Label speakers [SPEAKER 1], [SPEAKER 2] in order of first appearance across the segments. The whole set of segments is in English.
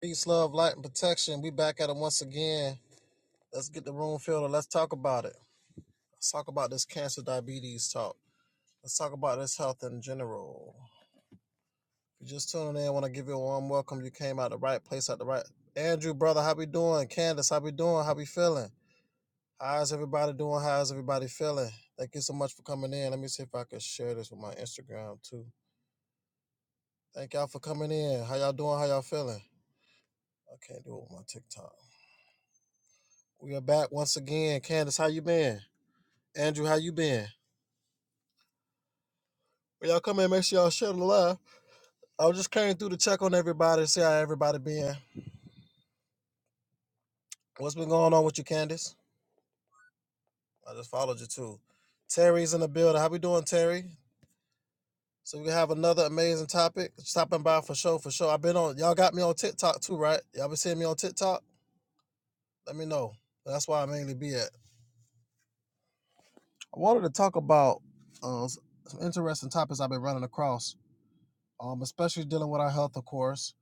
[SPEAKER 1] Peace, love, light, and protection. We back at it once again. Let's get the room filled and let's talk about it. Let's talk about this cancer diabetes talk. Let's talk about this health in general. If you're just tuning in, I want to give you a warm welcome. You came out the right place at the right. Andrew, brother, how we doing? Candace, how we doing? How we feeling? How's everybody doing? How's everybody feeling? Thank you so much for coming in. Let me see if I can share this with my Instagram too. Thank y'all for coming in. How y'all doing? How y'all feeling? I can't do it with my TikTok. We are back once again. Candace, how you been? Andrew, how you been? Well, y'all come in, make sure y'all share the live. I was just came through to check on everybody, see how everybody been. What's been going on with you, Candace? I just followed you too. Terry's in the building. How we doing, Terry? So we have another amazing topic. Stopping by for sure, for sure. I've been on y'all got me on TikTok too, right? Y'all been seeing me on TikTok? Let me know. That's why I mainly be at. I wanted to talk about uh, s- some interesting topics I've been running across, um, especially dealing with our health, of course.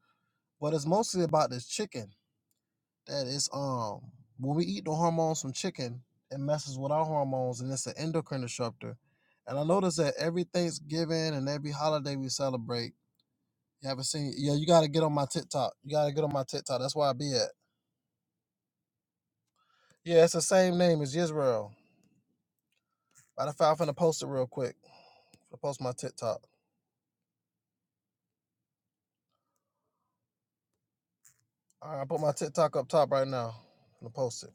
[SPEAKER 1] But it's mostly about this chicken. that is um when we eat the hormones from chicken, it messes with our hormones and it's an endocrine disruptor. And I noticed that every Thanksgiving and every holiday we celebrate, you haven't seen yeah, you gotta get on my TikTok. You gotta get on my TikTok. That's where I be at. Yeah, it's the same name as Israel. Matter of fact, I'm finna post it real quick. I'm finna post my TikTok. Alright, I put my TikTok up top right now. I'm gonna post it.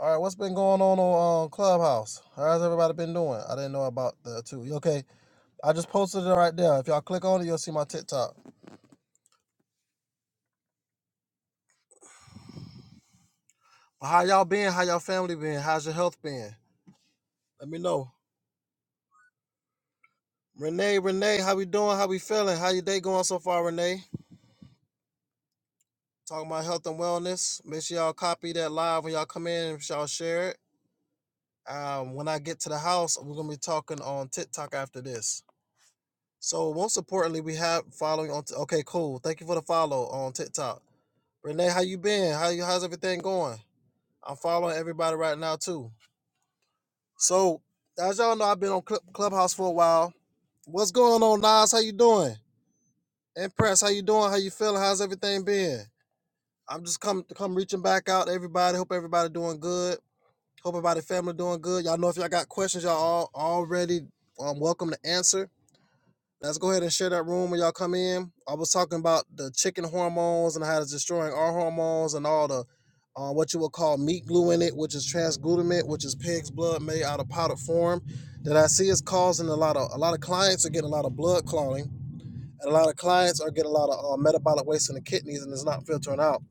[SPEAKER 1] All right, what's been going on on uh, Clubhouse? How's everybody been doing? I didn't know about the two. You okay? I just posted it right there. If y'all click on it, you'll see my TikTok. How y'all been? How y'all family been? How's your health been? Let me know. Renee, Renee, how we doing? How we feeling? How your day going so far, Renee? Talking about health and wellness. Make sure y'all copy that live when y'all come in and y'all share it. Um, when I get to the house, we're gonna be talking on TikTok after this. So most importantly, we have following on. T- okay, cool. Thank you for the follow on TikTok. Renee, how you been? How you? How's everything going? I'm following everybody right now too. So as y'all know, I've been on Club Clubhouse for a while. What's going on, Nas? How you doing? And Press, how you doing? How you feeling? How's everything been? I'm just come come reaching back out to everybody. Hope everybody doing good. Hope everybody family doing good. Y'all know if y'all got questions, y'all all already um welcome to answer. Let's go ahead and share that room when y'all come in. I was talking about the chicken hormones and how it's destroying our hormones and all the uh, what you would call meat glue in it, which is transglutamate, which is pig's blood made out of powdered form. That I see is causing a lot of a lot of clients are getting a lot of blood clotting, and a lot of clients are getting a lot of uh, metabolic waste in the kidneys, and it's not filtering out.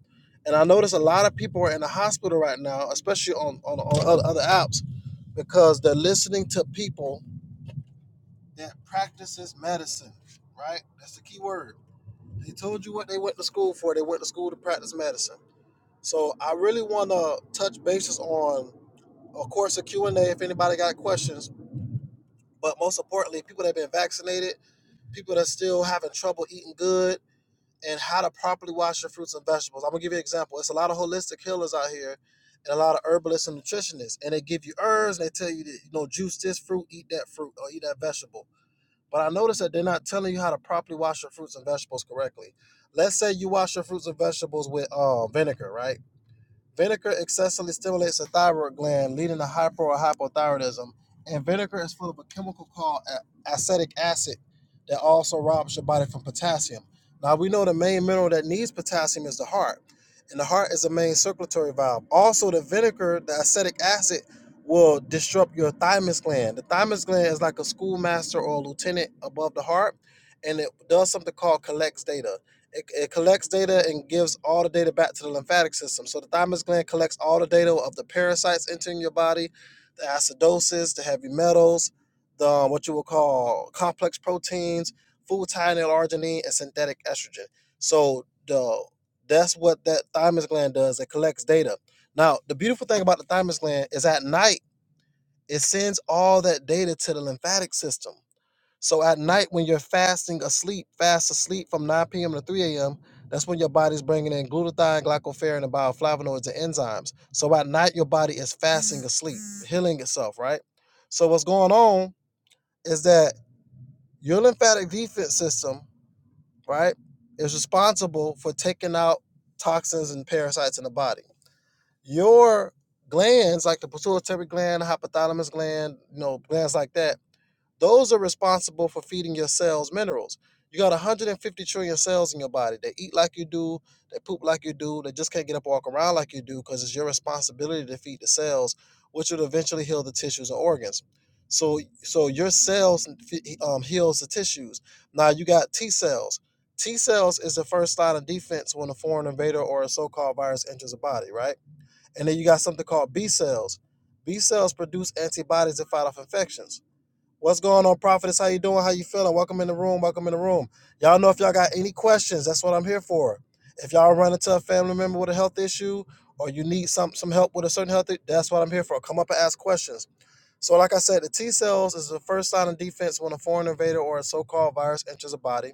[SPEAKER 1] And I notice a lot of people are in the hospital right now, especially on on, on other, other apps, because they're listening to people that practices medicine, right? That's the key word. They told you what they went to school for. They went to school to practice medicine. So I really want to touch bases on, of course, a Q&A if anybody got questions. But most importantly, people that have been vaccinated, people that are still having trouble eating good, and how to properly wash your fruits and vegetables. I'm gonna give you an example. It's a lot of holistic healers out here, and a lot of herbalists and nutritionists, and they give you herbs and they tell you that you know juice this fruit, eat that fruit, or eat that vegetable but I noticed that they're not telling you how to properly wash your fruits and vegetables correctly. Let's say you wash your fruits and vegetables with uh, vinegar, right? Vinegar excessively stimulates the thyroid gland, leading to hyper or hypothyroidism. And vinegar is full of a chemical called acetic acid that also robs your body from potassium. Now, we know the main mineral that needs potassium is the heart, and the heart is the main circulatory valve. Also, the vinegar, the acetic acid, will disrupt your thymus gland. The thymus gland is like a schoolmaster or a lieutenant above the heart, and it does something called collects data it, it collects data and gives all the data back to the lymphatic system. So the thymus gland collects all the data of the parasites entering your body, the acidosis, the heavy metals, the um, what you would call complex proteins, food thionyl arginine, and synthetic estrogen. So the that's what that thymus gland does. It collects data. Now the beautiful thing about the thymus gland is at night it sends all that data to the lymphatic system. So at night, when you're fasting asleep, fast asleep from 9 p.m. to 3 a.m., that's when your body's bringing in glutathione, glycopharin, and bioflavonoids and enzymes. So at night, your body is fasting asleep, healing itself, right? So what's going on is that your lymphatic defense system, right, is responsible for taking out toxins and parasites in the body. Your glands, like the pituitary gland, hypothalamus gland, you know, glands like that those are responsible for feeding your cells minerals. You got 150 trillion cells in your body. They eat like you do, they poop like you do, they just can't get up and walk around like you do because it's your responsibility to feed the cells, which will eventually heal the tissues and organs. So, so your cells um, heals the tissues. Now you got T cells. T cells is the first line of defense when a foreign invader or a so-called virus enters the body, right? And then you got something called B cells. B cells produce antibodies to fight off infections. What's going on, Prophetess? How you doing? How you feeling? Welcome in the room. Welcome in the room. Y'all know if y'all got any questions, that's what I'm here for. If y'all run into a family member with a health issue or you need some some help with a certain health, i- that's what I'm here for. Come up and ask questions. So, like I said, the T cells is the first line of defense when a foreign invader or a so-called virus enters a body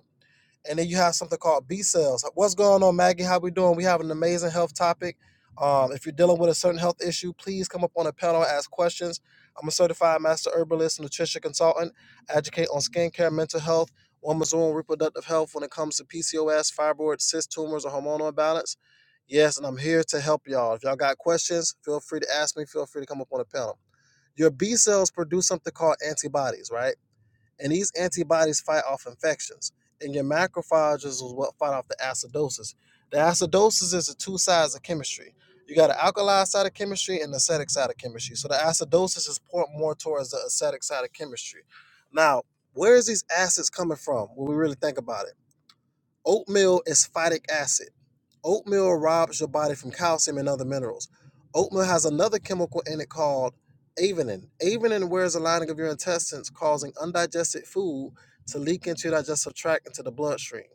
[SPEAKER 1] and then you have something called B cells. What's going on, Maggie? How we doing? We have an amazing health topic. Um, if you're dealing with a certain health issue, please come up on a panel and ask questions. I'm a certified master herbalist, and nutrition consultant, I educate on skincare, mental health, women's own reproductive health when it comes to PCOS, fibroids, cyst tumors, or hormonal imbalance. Yes, and I'm here to help y'all. If y'all got questions, feel free to ask me. Feel free to come up on a panel. Your B cells produce something called antibodies, right? And these antibodies fight off infections. And your macrophages is what fight off the acidosis. The acidosis is the two sides of chemistry. You got an alkali side of chemistry and the acetic side of chemistry. So the acidosis is poured more towards the acetic side of chemistry. Now, where is these acids coming from when we really think about it? Oatmeal is phytic acid. Oatmeal robs your body from calcium and other minerals. Oatmeal has another chemical in it called avenin. Avenin wears the lining of your intestines, causing undigested food to leak into your digestive tract into the bloodstream.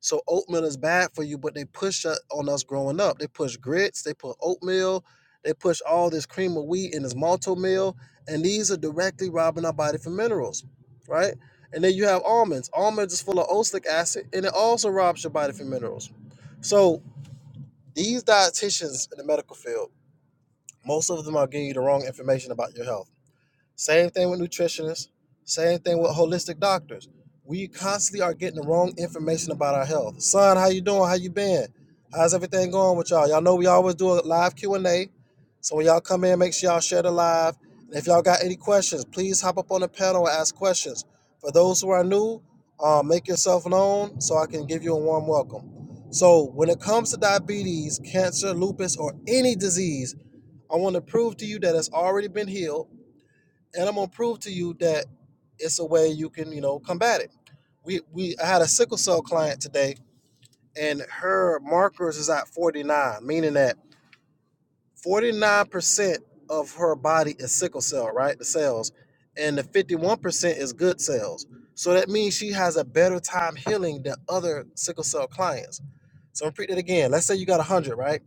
[SPEAKER 1] So oatmeal is bad for you, but they push it on us growing up. They push grits, they put oatmeal, they push all this cream of wheat and this malto meal, and these are directly robbing our body from minerals, right? And then you have almonds. Almonds is full of oleic acid, and it also robs your body from minerals. So these dietitians in the medical field, most of them are giving you the wrong information about your health. Same thing with nutritionists. Same thing with holistic doctors. We constantly are getting the wrong information about our health. Son, how you doing? How you been? How's everything going with y'all? Y'all know we always do a live Q and A. So when y'all come in, make sure y'all share the live. And if y'all got any questions, please hop up on the panel and ask questions. For those who are new, uh, make yourself known so I can give you a warm welcome. So when it comes to diabetes, cancer, lupus, or any disease, I want to prove to you that it's already been healed and I'm gonna prove to you that it's a way you can, you know, combat it. We we I had a sickle cell client today, and her markers is at 49, meaning that 49% of her body is sickle cell, right? The cells, and the 51% is good cells. So that means she has a better time healing than other sickle cell clients. So repeat it again. Let's say you got 100, right?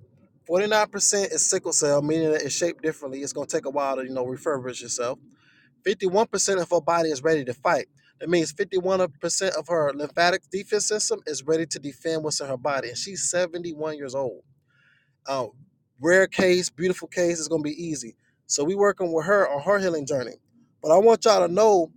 [SPEAKER 1] 49% is sickle cell, meaning that it's shaped differently. It's gonna take a while to, you know, refurbish yourself. 51% of her body is ready to fight. That means 51% of her lymphatic defense system is ready to defend what's in her body. And she's 71 years old. Uh, rare case, beautiful case. It's gonna be easy. So we working with her on her healing journey. But I want y'all to know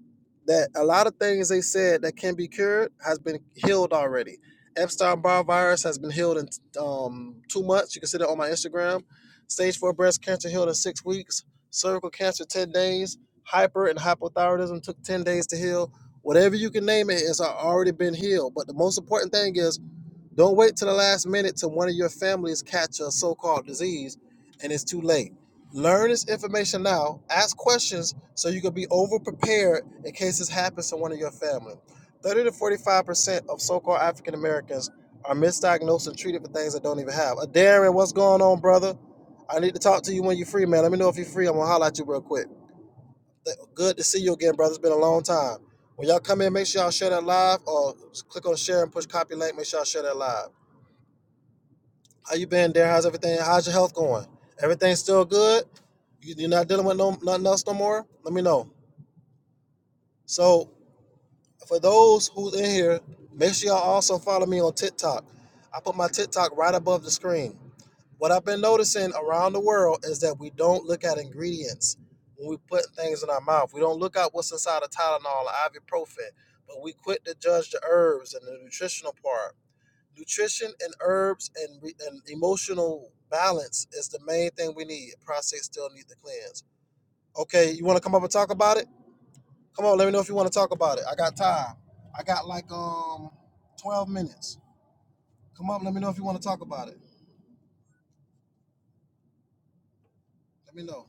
[SPEAKER 1] that a lot of things they said that can be cured has been healed already. Epstein Barr virus has been healed in um, two months. You can see that on my Instagram. Stage four breast cancer healed in six weeks. Cervical cancer ten days. Hyper and hypothyroidism took ten days to heal. Whatever you can name it, it's already been healed. But the most important thing is don't wait till the last minute till one of your families catch a so-called disease and it's too late. Learn this information now. Ask questions so you can be over prepared in case this happens to one of your family. 30 to 45% of so-called African Americans are misdiagnosed and treated for things that don't even have. Uh, Darren, what's going on, brother? I need to talk to you when you're free, man. Let me know if you're free. I'm gonna holler at you real quick. Good to see you again, brother. It's been a long time. When y'all come in, make sure y'all share that live or click on share and push copy link. Make sure y'all share that live. How you been there? How's everything? How's your health going? Everything still good? You, you're not dealing with no nothing else no more? Let me know. So for those who's in here, make sure y'all also follow me on TikTok. I put my TikTok right above the screen. What I've been noticing around the world is that we don't look at ingredients when we put things in our mouth. We don't look at what's inside of Tylenol or ibuprofen, but we quit to judge the herbs and the nutritional part nutrition and herbs and, re- and emotional balance is the main thing we need. Prostate still need the cleanse. Okay, you want to come up and talk about it? Come on, let me know if you want to talk about it. I got time. I got like um 12 minutes. Come up, let me know if you want to talk about it. Let me know.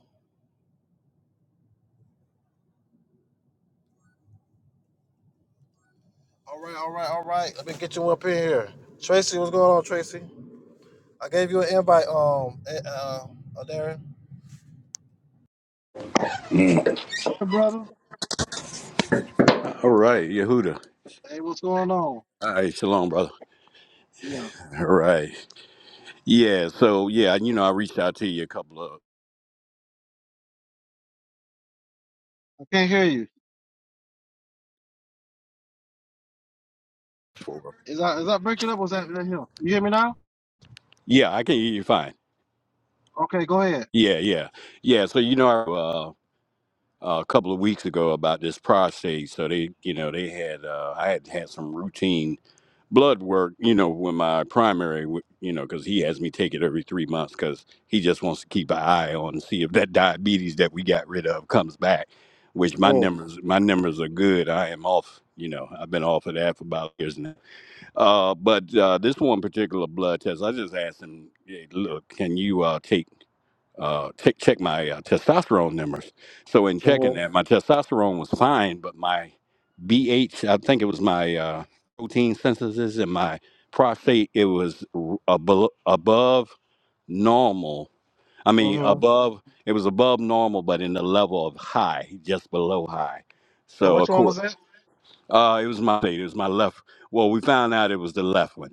[SPEAKER 1] All right, all right, all right. Let me get you up in here. Tracy, what's going on, Tracy? I gave you an invite, um, eh, uh, uh Darren. Hey, brother.
[SPEAKER 2] All right, Yehuda.
[SPEAKER 1] Hey, what's going on?
[SPEAKER 2] All right, shalom, brother.
[SPEAKER 1] Yeah,
[SPEAKER 2] All right. Yeah, so yeah, you know, I reached out to you a couple of
[SPEAKER 1] I can't hear you. Is that is that breaking up? Or was that, that him? You hear me now?
[SPEAKER 2] Yeah, I can hear you fine.
[SPEAKER 1] Okay, go ahead.
[SPEAKER 2] Yeah, yeah. Yeah, so you know uh, a couple of weeks ago about this prostate, so they, you know, they had uh I had had some routine blood work, you know, when my primary, w- you know, because he has me take it every three months because he just wants to keep an eye on and see if that diabetes that we got rid of comes back. Which my
[SPEAKER 1] Mm,
[SPEAKER 2] numbers, my numbers are good. I am off. You know, I've been off of that for about years now. Uh, but uh, this one particular blood test, I just asked him, hey, look, can you uh, take uh, check check my uh, testosterone numbers. So in checking
[SPEAKER 1] mm-hmm,
[SPEAKER 2] that, my testosterone was fine, but my B H—I think it was my uh, protein synthesis and my prostate, it was r- abo- above normal. I mean,
[SPEAKER 1] mm-hmm.
[SPEAKER 2] above it was above normal, but in the level of high, just below high.
[SPEAKER 1] And
[SPEAKER 2] So
[SPEAKER 1] which
[SPEAKER 2] of
[SPEAKER 1] one was
[SPEAKER 2] course,
[SPEAKER 1] that?
[SPEAKER 2] uh, it was my it was my left. Well, we found out it was the left one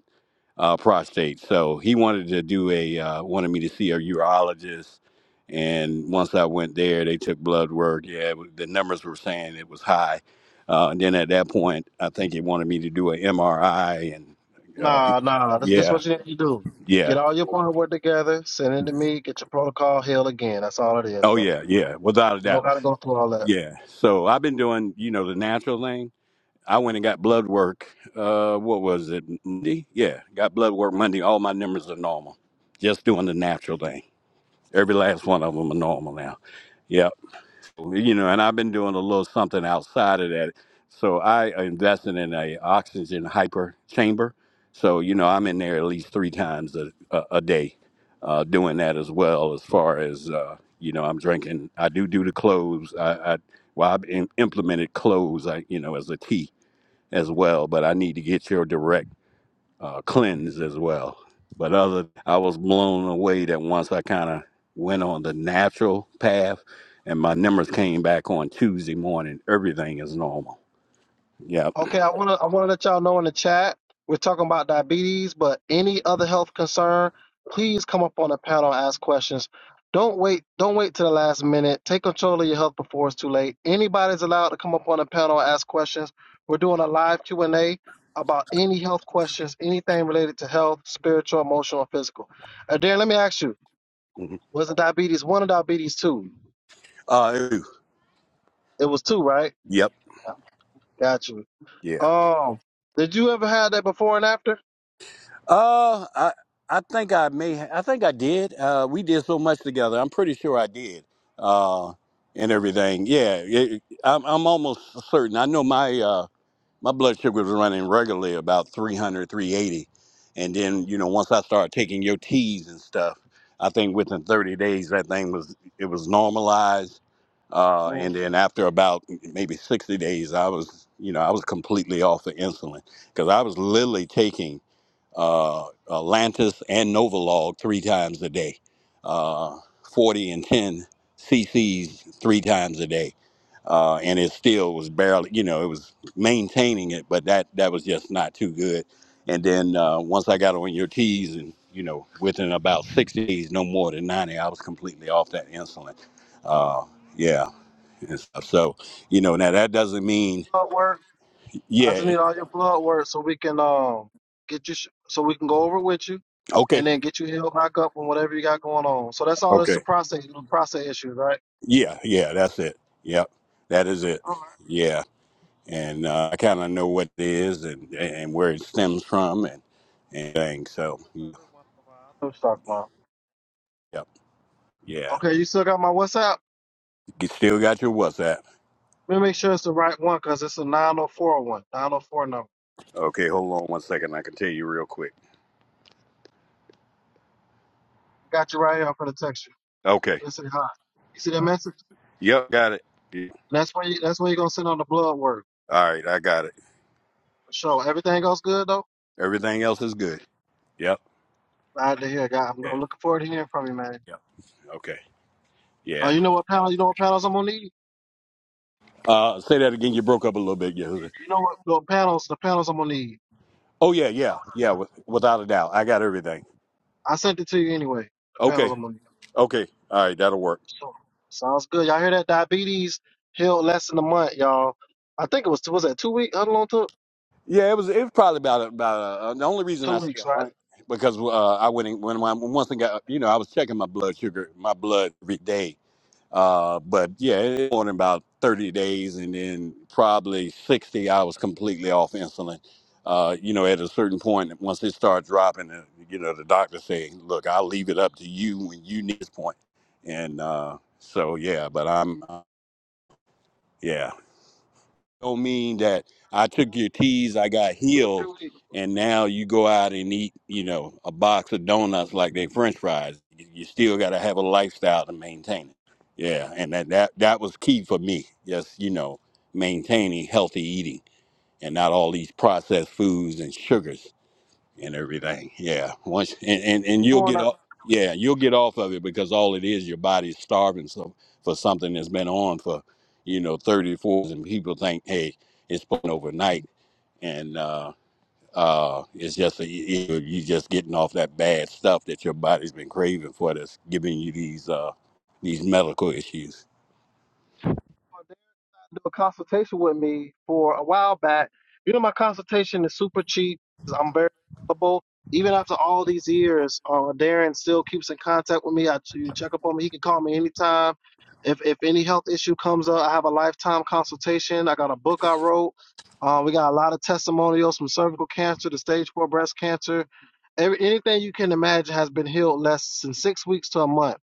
[SPEAKER 2] uh, prostate. So he wanted to do a uh, wanted me to see a urologist, and once I went there, they took blood work. Yeah, it wa- the numbers were saying it was high. Uh, and then at that point, I think he wanted me to do an MRI, and uh,
[SPEAKER 1] Nah, nah. This this
[SPEAKER 2] yeah,
[SPEAKER 1] what you need to do.
[SPEAKER 2] yeah,
[SPEAKER 1] Get all your point work together. Send it to me. Get your protocol held again. That's all it is,
[SPEAKER 2] oh
[SPEAKER 1] bro.
[SPEAKER 2] yeah, yeah, without a
[SPEAKER 1] You don't
[SPEAKER 2] doubt,
[SPEAKER 1] gotta go through all that.
[SPEAKER 2] yeah. So I've been doing, you know, the natural thing. I went and got blood work. Uh, what was it? Monday? Yeah, got blood work Monday. All my numbers are normal. Just doing the natural thing. Every last one of them are normal now. Yep. You know, and I've been doing a little something outside of that. So I invested in a oxygen hyper chamber. So you know, I'm in there at least three times a, a, a day, uh, doing that as well. As far as uh, you know, I'm drinking. I do do the cloves. I, I well, I've im implemented cloves. I you know as a tea as well, but I need to get your direct uh, cleanse as well. But other, I was blown away that once I kind of went on the natural path, and my numbers came back on Tuesday morning. Everything is normal. Yep.
[SPEAKER 1] Okay, I wanna I wanna let y'all know in the chat we're talking about diabetes, but any other health concern, please come up on the panel and ask questions. Don't wait don't wait to the last minute. Take control of your health before it's too late. Anybody's allowed to come up on the panel and ask questions. We're doing a live Q and A about any health questions, anything related to health, spiritual, emotional, and physical. Uh, Darren, let me ask you:
[SPEAKER 2] Mhm.
[SPEAKER 1] Was it diabetes one or diabetes two?
[SPEAKER 2] Uh.
[SPEAKER 1] It was two, right?
[SPEAKER 2] Yep.
[SPEAKER 1] Got you.
[SPEAKER 2] Yeah.
[SPEAKER 1] Um, did you ever have that before and after?
[SPEAKER 2] Uh. I. I think I may. ha- I think I did. Uh. We did so much together. I'm pretty sure I did. Uh. And everything. Yeah. It, I'm. I'm almost certain. I know my. uh, my blood sugar was running regularly about 300 380 and then you know once i started taking your teas and stuff i think within 30 days that thing was it was normalized uh, and
[SPEAKER 1] Mm-hmm.
[SPEAKER 2] then after about maybe 60 days i was you know i was completely off of insulin because i was literally taking uh, Atlantis and Novolog three times a day, uh, 40 and 10 cc's three times a day. Uh, and it still was barely, you know, it was maintaining it, but that, that was just not too good. And then uh, once I got on your teas and, you know, within about six days, no more than 90, I was completely off that insulin. Uh, yeah. And stuff. So, you know, now that doesn't mean,
[SPEAKER 1] plug work. I just
[SPEAKER 2] yeah.
[SPEAKER 1] need all your plug work so we can um get you sh- so we can go over with you, and
[SPEAKER 2] Okay.
[SPEAKER 1] then get you healed back up on whatever you got going on. So that's all.
[SPEAKER 2] Okay.
[SPEAKER 1] It's the process, the process issues, right?
[SPEAKER 2] Yeah, yeah, that's it. Yep, that is it.
[SPEAKER 1] All
[SPEAKER 2] Yeah, and uh, I kind of know what it is and and where it stems from and and things. So,
[SPEAKER 1] right.
[SPEAKER 2] yeah,
[SPEAKER 1] Every once in a while, I know what you're talking about.
[SPEAKER 2] yep, yeah.
[SPEAKER 1] Okay, you still got my WhatsApp.
[SPEAKER 2] You still got your WhatsApp?
[SPEAKER 1] Let me make sure it's the right one because it's a 904 number.
[SPEAKER 2] Okay, hold on one second. I can tell you real quick.
[SPEAKER 1] I got you right here. I'm gonna text you.
[SPEAKER 2] Okay.
[SPEAKER 1] Listen, hi. You see that message?
[SPEAKER 2] Yep, got it. Yeah.
[SPEAKER 1] That's where you, that's where you're gonna send on the blood work.
[SPEAKER 2] All right, I got it.
[SPEAKER 1] For sure. Everything goes good though.
[SPEAKER 2] Everything else is good. Yep.
[SPEAKER 1] All right, to hear, God. I'm,
[SPEAKER 2] Yeah.
[SPEAKER 1] I'm looking forward to hearing from you, man.
[SPEAKER 2] Yep. Okay.
[SPEAKER 1] Uh,
[SPEAKER 2] Yeah.
[SPEAKER 1] you know what panel? You know what panels I'm gonna need?
[SPEAKER 2] Uh, say that again. You broke up a little bit, Yehuda.
[SPEAKER 1] You know what the panels? The panels I'm gonna need.
[SPEAKER 2] Oh yeah, yeah, yeah. With, without a doubt, I got everything.
[SPEAKER 1] I sent it to you anyway. The panels
[SPEAKER 2] Okay.
[SPEAKER 1] I'm gonna need.
[SPEAKER 2] Okay. All right, that'll work.
[SPEAKER 1] So, sounds good. Y'all hear that? Diabetes healed less than a month, y'all. I think it was was that two weeks? How long it took?
[SPEAKER 2] Yeah, it was. It was probably about about uh, the only reason
[SPEAKER 1] Two
[SPEAKER 2] I say
[SPEAKER 1] weeks,
[SPEAKER 2] a
[SPEAKER 1] right?
[SPEAKER 2] month because uh, I went in, when when once I got you know I was checking my blood sugar, my blood every day. Uh, but yeah, it went in about thirty days, and then probably sixty, I was completely off insulin. Uh, you know, at a certain point, once it started dropping, uh, you know, the doctor say, "Look, I'll leave it up to you when you need this point." And uh, so yeah, but I'm uh, yeah don't mean that I took your teas, I got
[SPEAKER 1] Two to three
[SPEAKER 2] healed,
[SPEAKER 1] weeks.
[SPEAKER 2] and now you go out and eat, you know, a box of donuts like they French fries. You still got to have a lifestyle to maintain it. Yeah, and that that that was key for me. Just you know, maintaining healthy eating and not all these processed foods and sugars and everything. Yeah, once and, and and you'll
[SPEAKER 1] Doing
[SPEAKER 2] get
[SPEAKER 1] that.
[SPEAKER 2] off. Yeah, you'll get off of it because all it is your body's starving so for something that's been on for you know thirty fours. and people think hey it's putting overnight and uh uh it's just a, you you just getting off that bad stuff that your body's been craving for that's giving you these uh these medical issues.
[SPEAKER 1] do a consultation with me for a while back. You know, my consultation is super cheap. I'm very available. Even after all these years, uh, Darren still keeps in contact with me. I you check up on me. He can call me anytime. If if any health issue comes up, I have a lifetime consultation. I got a book I wrote. Uh, we got a lot of testimonials from cervical cancer to stage four breast cancer. Every, anything you can imagine has been healed less than six weeks to a month.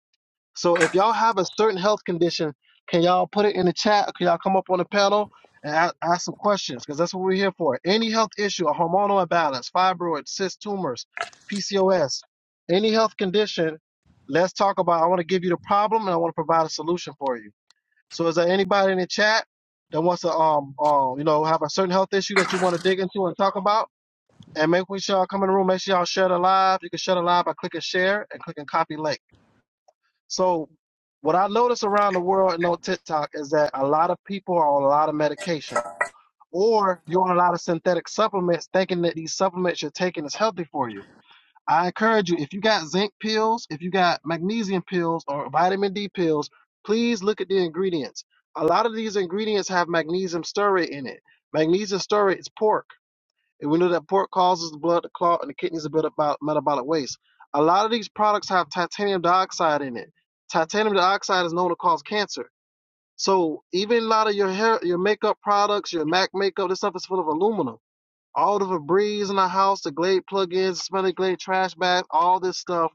[SPEAKER 1] So if y'all have a certain health condition, can y'all put it in the chat? Can y'all come up on the panel and ask, ask some questions? Because that's what we're here for. Any health issue, a hormonal imbalance, fibroids, cyst tumors, PCOS, any health condition, let's talk about. I want to give you the problem and I want to provide a solution for you. So is there anybody in the chat that wants to um um you know have a certain health issue that you want to dig into and talk about? And make sure y'all come in the room. Make sure y'all share the live. You can share the live by clicking share and clicking copy link. So what I notice around the world and on TikTok is that a lot of people are on a lot of medication or you're on a lot of synthetic supplements thinking that these supplements you're taking is healthy for you. I encourage you, if you got zinc pills, if you got magnesium pills or vitamin D pills, please look at the ingredients. A lot of these ingredients have magnesium stearate in it. Magnesium stearate is pork. And we know that pork causes the blood to clot and the kidneys to build up metabolic waste. A lot of these products have titanium dioxide in it. Titanium dioxide is known to cause cancer. So even a lot of your hair, your makeup products, your Mac makeup, this stuff is full of aluminum. All the Febreze in the house, the Glade plug-ins, smelly Glade trash bags, all this stuff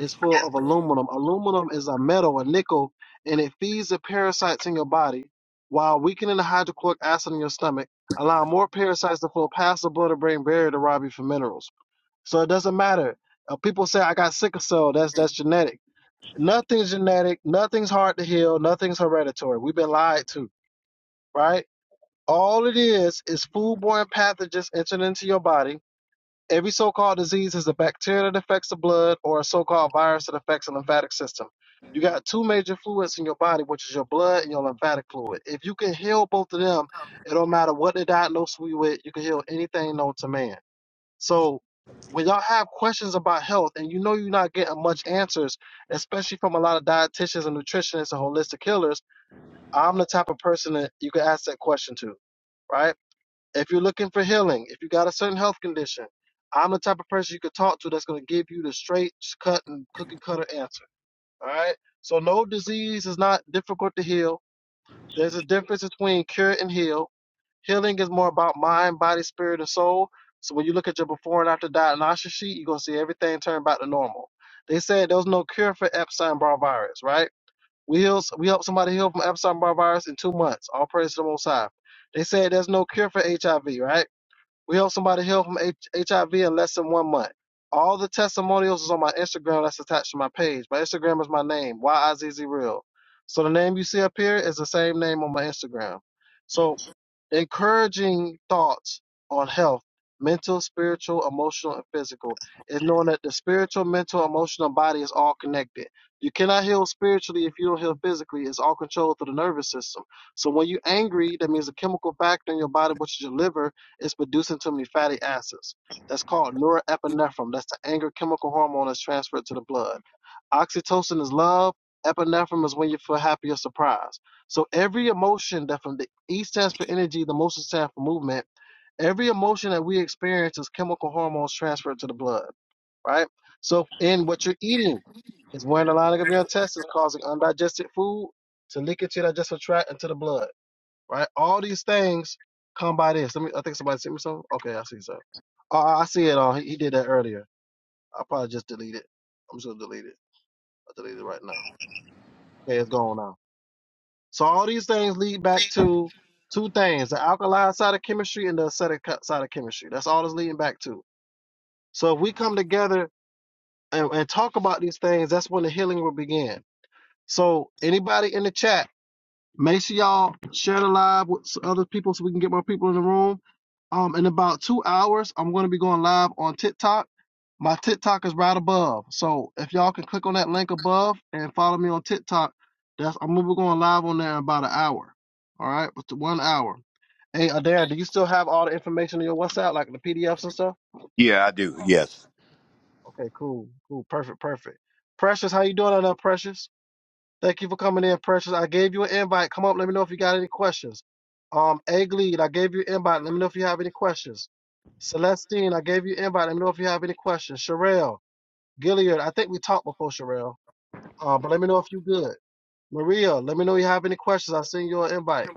[SPEAKER 1] is full of aluminum. Aluminum is a metal, a nickel, and it feeds the parasites in your body while weakening the hydrochloric acid in your stomach, allowing more parasites to flow past the blood brain barrier to rob you for minerals. So it doesn't matter. Uh, people say I got sickle cell. That's that's genetic. Nothing's genetic. Nothing's hard to heal. Nothing's hereditary. We've been lied to, right? All it is is foodborne pathogens entering into your body Every so-called disease is a bacteria that affects the blood or a so-called virus that affects the lymphatic system. You got two major fluids in your body, which is your blood and your lymphatic fluid. If you can heal both of them, it don't matter what the diagnosis we with, you can heal anything known to man. So when y'all have questions about health and you know you're not getting much answers, especially from a lot of dietitians and nutritionists and holistic healers, I'm the type of person that you can ask that question to right? if you're looking for healing, if you got a certain health condition, I'm the type of person you could talk to that's going to give you the straight cut and cookie cutter answer. All right. So no disease is not difficult to heal. There's a difference between cure and heal. Healing is more about mind, body, spirit, and soul. So when you look at your before and after diagnostic sheet, you're gonna see everything turn back to normal. They said there was no cure for Epstein-Barr virus, right? We heal, we helped somebody heal from Epstein-Barr virus in two months. All praise to the Most High. They said there's no cure for HIV, right? We helped somebody heal from H- HIV in less than one month. All the testimonials is on my Instagram that's attached to my page. My Instagram is my name, Y I Z Z Real. So the name you see up here is the same name on my Instagram. So Encouraging thoughts on health, mental, spiritual, emotional, and physical, is knowing that the spiritual, mental, emotional, and body is all connected. You cannot heal spiritually if you don't heal physically. It's all controlled through the nervous system. So when you're angry, that means a chemical factor in your body, which is your liver, is producing too many fatty acids. That's called norepinephrine. That's the anger chemical hormone that's transferred to the blood. Oxytocin is love. Epinephrine is when you feel happy or surprised. So every emotion that from the E stands for energy, the most stands for movement. Every emotion that we experience is chemical hormones transferred to the blood, right? So in what you're eating is when the lining of your intestines causing undigested food to leak into your digestive tract into the blood, right? All these things come by this. Let me. I think somebody sent me something. Okay, I see something. Oh, I I see it all. He, he did that earlier. I probably just deleted. it. I'm just gonna delete it. I delete it right now. Okay, it's gone now. So all these things lead back to two things: the alkaline side of chemistry and the acidic co- side of chemistry. That's all it's leading back to. So if we come together and, and talk about these things, that's when the healing will begin. So anybody in the chat. Make sure y'all share the live with s- other people so we can get more people in the room. Um, in about two hours, I'm going to be going live on TikTok. My TikTok is right above. So if y'all can click on that link above and follow me on TikTok, that's I'm gonna be going live on there in about an hour. All right, with the one hour. Hey, Adair, do you still have all the information in your WhatsApp, like the PDFs and stuff?
[SPEAKER 2] Yeah, I do. Yes.
[SPEAKER 1] Okay, cool, cool, perfect, perfect. Precious, how you doing on that, Precious? Thank you for coming in, Precious. I gave you an invite. Come up. Let me know if you got any questions. Um, Egg Lead, I gave you an invite. Let me know if you have any questions. Celestine, I gave you an invite. Let me know if you have any questions. Sherelle, Gilliard, I think we talked before, Sherelle. Uh, but let me know if you good. Maria, let me know if you have any questions. I sent you an invite.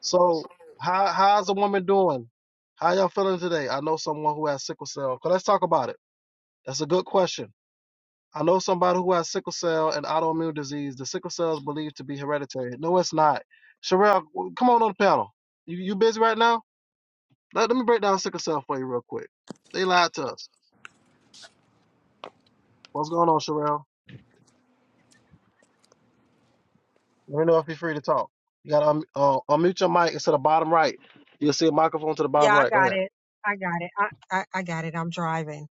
[SPEAKER 1] So, how how's the woman doing? How y'all feeling today? I know someone who has sickle cell. 'Cause Let's talk about it. That's a good question. I know somebody who has sickle cell and autoimmune disease. The sickle cell is believed to be hereditary. No, it's not. Sherelle, w- come on on the panel. You you busy right now? Let, let me break down sickle cell for you real quick. They lied to us. What's going on, Sherelle? Let me know if you're free to talk. You gotta un- uh, unmute your mic. It's to the bottom right. You'll see a microphone to the bottom
[SPEAKER 3] Yeah, I
[SPEAKER 1] right. Go
[SPEAKER 3] got
[SPEAKER 1] ahead.
[SPEAKER 3] it. I got it. I, I, I got it. I'm driving.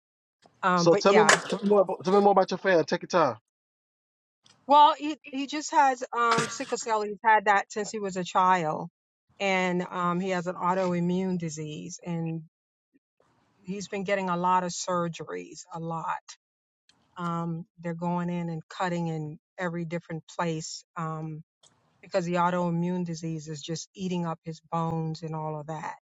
[SPEAKER 3] Um,
[SPEAKER 1] So
[SPEAKER 3] but
[SPEAKER 1] tell me,
[SPEAKER 3] yeah.
[SPEAKER 1] tell me more, abo- tell me more about your fan. Take your time.
[SPEAKER 3] Well, he he just has um sickle cell. He's had that since he was a child, and um he has an autoimmune disease, and he's been getting a lot of surgeries, a lot. Um, they're going in and cutting in every different place, um, because the autoimmune disease is just eating up his bones and all of that.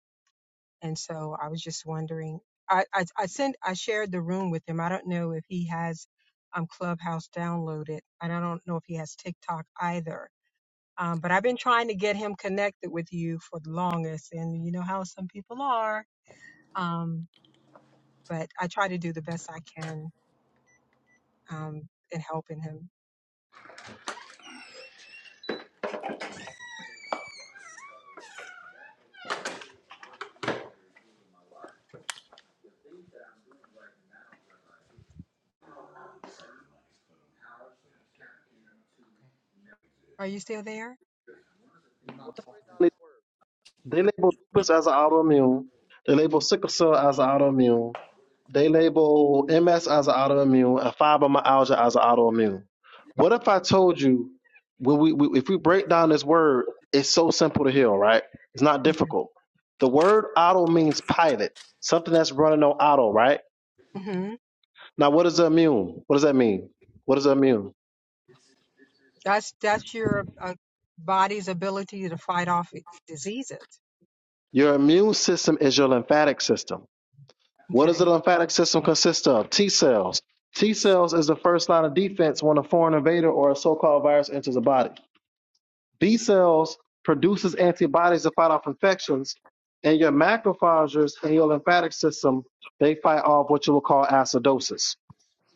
[SPEAKER 3] And so I was just wondering. I, I I sent I shared the room with him. I don't know if he has um Clubhouse downloaded, and I don't know if he has TikTok either. Um, but I've been trying to get him connected with you for the longest, and you know how some people are. Um, but I try to do the best I can um, in helping him. Are you still there?
[SPEAKER 1] Well, let's break down these words. They label
[SPEAKER 2] Yeah.
[SPEAKER 1] lupus as an autoimmune. They label sickle cell as an autoimmune. They label MS as an autoimmune and fibromyalgia as an autoimmune. What if I told you, when we, we, if we break down this word, it's so simple to heal, right? It's not
[SPEAKER 3] Okay.
[SPEAKER 1] difficult. The word auto means pilot, something that's running on auto, right?
[SPEAKER 3] hmm
[SPEAKER 1] Now, what is immune? What does that mean? What is immune?
[SPEAKER 3] That's that's your uh, body's ability to fight off i- diseases.
[SPEAKER 1] Your immune system is your lymphatic system. What does the
[SPEAKER 3] Okay.
[SPEAKER 1] lymphatic system consist of? T cells. T cells is the first line of defense when a foreign invader or a so-called virus enters the body. B cells produces antibodies to fight off infections, and your macrophages and your lymphatic system they fight off what you will call acidosis.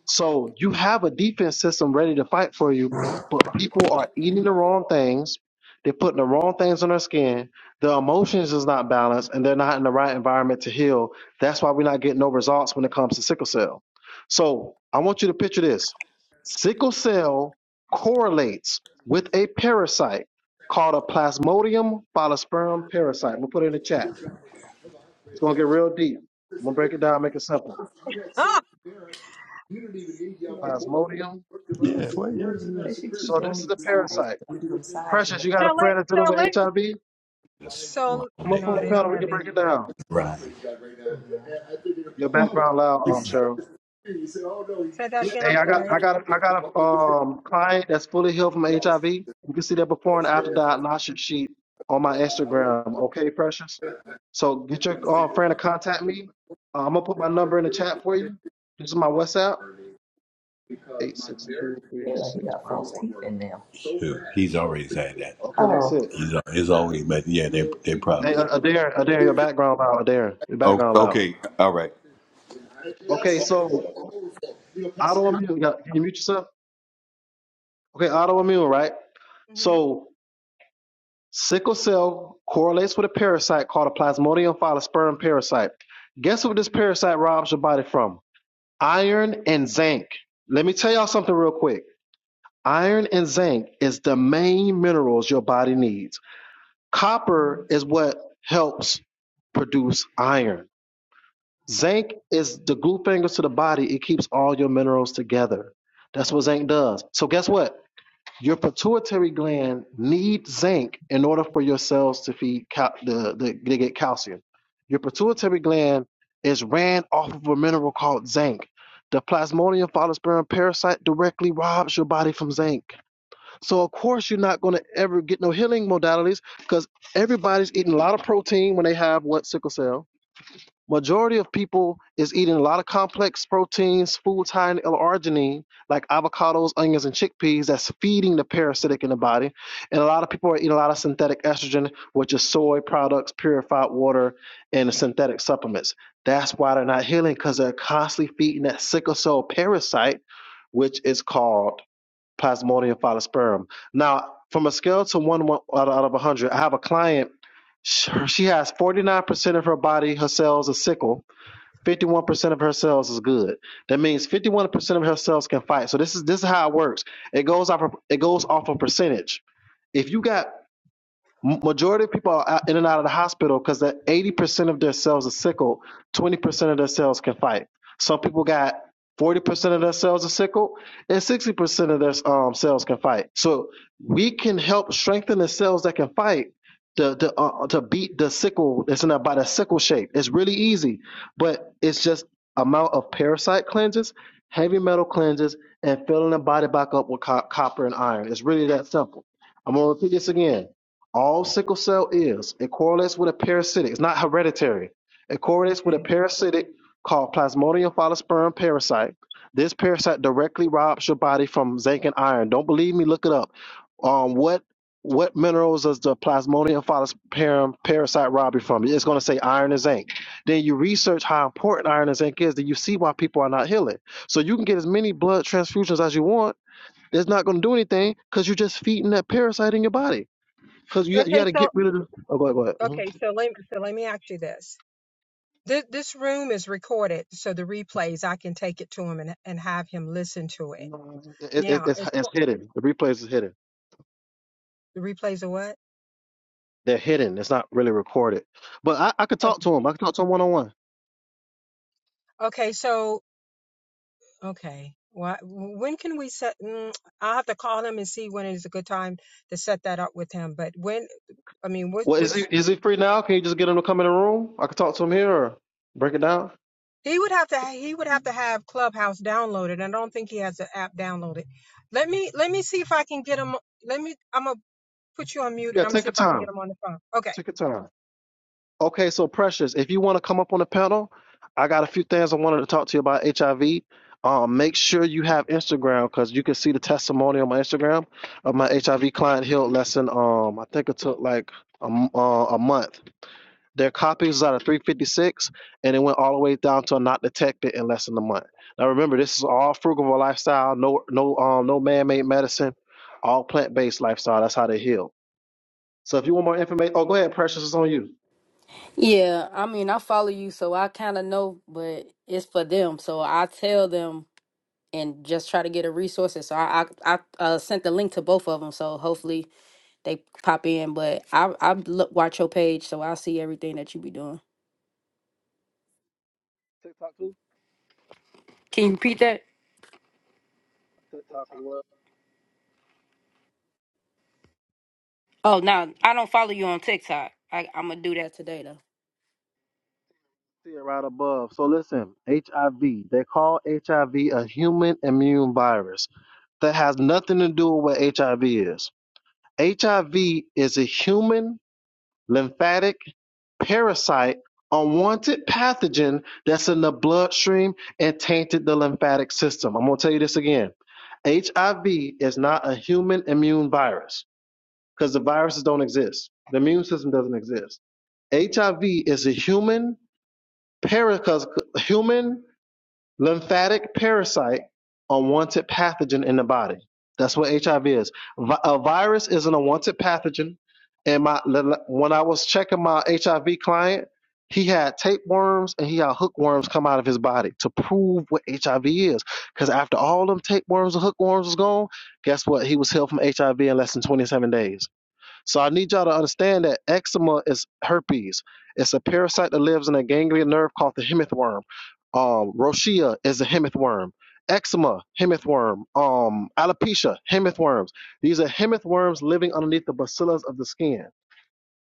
[SPEAKER 1] So you have a defense system ready to fight for you, but people are eating the wrong things. They're putting the wrong things on their skin. Their emotions is not balanced, and they're not in the right environment to heal. That's why we're not getting no results when it comes to sickle cell. So I want you to picture this: sickle cell correlates with a parasite called a Plasmodium falciparum parasite. We'll put it in the chat. It's gonna get real deep. I'm gonna break it down, make it simple.
[SPEAKER 3] Ah,
[SPEAKER 1] Plasmodium.
[SPEAKER 2] Well, yeah. They should keep
[SPEAKER 1] So this is
[SPEAKER 2] doing
[SPEAKER 1] a
[SPEAKER 2] these sides.
[SPEAKER 1] parasite
[SPEAKER 2] When you do them sides, you
[SPEAKER 1] Precious,
[SPEAKER 2] know.
[SPEAKER 1] you got a
[SPEAKER 3] sell
[SPEAKER 1] friend that's dealing with
[SPEAKER 3] it,
[SPEAKER 1] HIV?
[SPEAKER 2] Yes. Wrong
[SPEAKER 3] So
[SPEAKER 1] Come
[SPEAKER 2] day,
[SPEAKER 1] up on
[SPEAKER 3] no,
[SPEAKER 1] the
[SPEAKER 2] baby.
[SPEAKER 3] they don't
[SPEAKER 1] panel, we
[SPEAKER 3] have
[SPEAKER 1] can break it
[SPEAKER 3] HIV.
[SPEAKER 1] down.
[SPEAKER 2] Right.
[SPEAKER 1] Your background loud, um, Cheryl.
[SPEAKER 3] Say that again.
[SPEAKER 1] Hey,
[SPEAKER 3] I'm
[SPEAKER 1] I got,
[SPEAKER 3] sorry.
[SPEAKER 1] I got, I got a um client that's fully healed from HIV. You can see that before and after diagnostic sheet on my Instagram. Okay, Precious. So get your uh, friend to contact me. Uh, I'm gonna put my number in the chat for you. This is my WhatsApp. Eight six two three
[SPEAKER 2] feel like he
[SPEAKER 1] six
[SPEAKER 2] got
[SPEAKER 1] five
[SPEAKER 2] false
[SPEAKER 1] one.
[SPEAKER 2] teeth in them. Who? He's already had that.
[SPEAKER 1] Okay, that's
[SPEAKER 2] Oh,
[SPEAKER 1] it.
[SPEAKER 2] He's, al- he's always, but yeah, they they
[SPEAKER 1] Hey,
[SPEAKER 2] probably.
[SPEAKER 1] uh, Adair, Adair, your background loud. Adair, your
[SPEAKER 2] Oh,
[SPEAKER 1] background loud.
[SPEAKER 2] okay. All right.
[SPEAKER 1] Okay, so autoimmune. Can you mute yourself? Okay, autoimmune, right?
[SPEAKER 3] hmm
[SPEAKER 1] So sickle cell correlates with a parasite called a Plasmodium falciparum parasite. Guess what this parasite robs your body from? Iron and zinc. Let me tell y'all something real quick. Iron and zinc is the main minerals your body needs. Copper is what helps produce iron. Zinc is the glue fingers to the body. It keeps all your minerals together. That's what zinc does. So guess what? Your pituitary gland needs zinc in order for your cells to feed cal- the, the to get calcium. Your pituitary gland is ran off of a mineral called zinc. The Plasmodium falciparum parasite directly robs your body from zinc. So of course you're not going to ever get no healing modalities because everybody's eating a lot of protein when they have what sickle cell Majority of people is eating a lot of complex proteins, foods high in L-arginine, like avocados, onions, and chickpeas. That's feeding the parasitic in the body. And a lot of people are eating a lot of synthetic estrogen, which is soy products, purified water, and synthetic supplements. That's why they're not healing because they're constantly feeding that sickle cell parasite, which is called plasmodium falciparum. Now, from a scale to one, one out of out 100, I have a client. She has 49% of her body, her cells are sickle. 51% of her cells is good. That means 51% of her cells can fight. So this is this is how it works. It goes off of, it goes off a percentage. If you got M- Majority of people are out, in and out of the hospital because that eighty percent of their cells are sickle. Twenty percent of their cells can fight. Some people got forty percent of their cells are sickle, and sixty percent of their um, cells can fight. So we can help strengthen the cells that can fight. To, to, uh, to beat the sickle that's in about body, sickle shape. It's really easy, but it's just amount of parasite cleanses, heavy metal cleanses, and filling the body back up with co- copper and iron. It's really that simple. I'm gonna repeat this again. All sickle cell is. It correlates with a parasitic. It's not hereditary. It correlates with a
[SPEAKER 3] Okay.
[SPEAKER 1] parasitic called Plasmodium falciparum parasite. This parasite directly robs your body from zinc and iron. Don't believe me? Look it up. Um, what what minerals does the Plasmodium falciparum parasite rob you from? It's going to say iron and zinc. Then you research how important iron and zinc is. Then you see why people are not healing. So you can get as many blood transfusions as you want. It's not going to do anything because you're just feeding that parasite in your body. Because you, got- you got
[SPEAKER 3] Okay.
[SPEAKER 1] to
[SPEAKER 3] So
[SPEAKER 1] get rid of the. Oh, go ahead, go ahead. Mhm.
[SPEAKER 3] okay. So let so let me ask you this. This this room is recorded, so the replays I can take it to him and and have him listen to it.
[SPEAKER 1] No, It, it,
[SPEAKER 3] Now,
[SPEAKER 1] it's,
[SPEAKER 3] as
[SPEAKER 1] it's
[SPEAKER 3] far-
[SPEAKER 1] hidden. The replays is hidden.
[SPEAKER 3] the replays are what?
[SPEAKER 1] They're hidden. It's not really recorded. But I, I could talk
[SPEAKER 3] Okay.
[SPEAKER 1] to him. I could talk to him one on one.
[SPEAKER 3] Okay. So okay. What? When can we set? Mm, I'll have to call him and see when is a good time to set that up with him. But when? I mean, what?
[SPEAKER 1] Well, is
[SPEAKER 3] Which?
[SPEAKER 1] he is he free now? Can you just get him to come in the room? I could talk to him here or break it down.
[SPEAKER 3] He would have to he would have to have Clubhouse downloaded. I don't think he has the app downloaded. Let me let me see if I can get him. Let me I'm gonna put you on mute and
[SPEAKER 1] Yeah,
[SPEAKER 3] I'm gonna
[SPEAKER 1] take
[SPEAKER 3] see
[SPEAKER 1] your
[SPEAKER 3] if I can get
[SPEAKER 1] time.
[SPEAKER 3] him on the phone. Okay.
[SPEAKER 1] Take your time. Okay, so Precious, if you want to come up on the panel, I got a few things I wanted to talk to you about HIV. Um, make sure you have Instagram because you can see the testimony on my Instagram of my HIV client healed lesson. Um, I think it took like a, m- uh, a month. Their copies is out of 356 and it went all the way down to not detected in less than a month. Now remember, this is all frugal lifestyle, no no um no man-made medicine, all plant-based lifestyle. That's how they heal. So if you want more information, oh, go ahead, Precious, it's on you.
[SPEAKER 4] Yeah, I mean, I follow you, so I kind of know, but it's for them. So I tell them and just try to get a resources. So I I, I uh, sent the link to both of them, so hopefully they pop in. But I I look watch your page, so I see everything that you be doing.
[SPEAKER 1] TikTok too?
[SPEAKER 4] Can you repeat that?
[SPEAKER 1] TikTok as well.
[SPEAKER 4] Oh no, I don't follow you on TikTok. I I'm gonna do that today though.
[SPEAKER 1] See it right above. So listen, HIV. They call HIV a human immune virus that has nothing to do with what HIV is. HIV is a human lymphatic parasite, unwanted pathogen that's in the bloodstream and tainted the lymphatic system. I'm going to tell you this again. HIV is not a human immune virus because the viruses don't exist. The immune system doesn't exist. HIV is a human parasite, human lymphatic parasite, unwanted pathogen in the body. That's what HIV is. A virus is an unwanted pathogen. And my when I was checking my HIV client, he had tapeworms and he had hookworms come out of his body to prove what HIV is. Because after all them tapeworms and hookworms was gone, guess what? He was healed from HIV in less than 27 days. So I need y'all to understand that eczema is herpes. It's a parasite that lives in a ganglion nerve called the hemith worm. Um, rosacea is a hemith worm. Eczema, hemith worm. Um, alopecia, hemith worms. These are hemith worms living underneath the bacillus of the skin.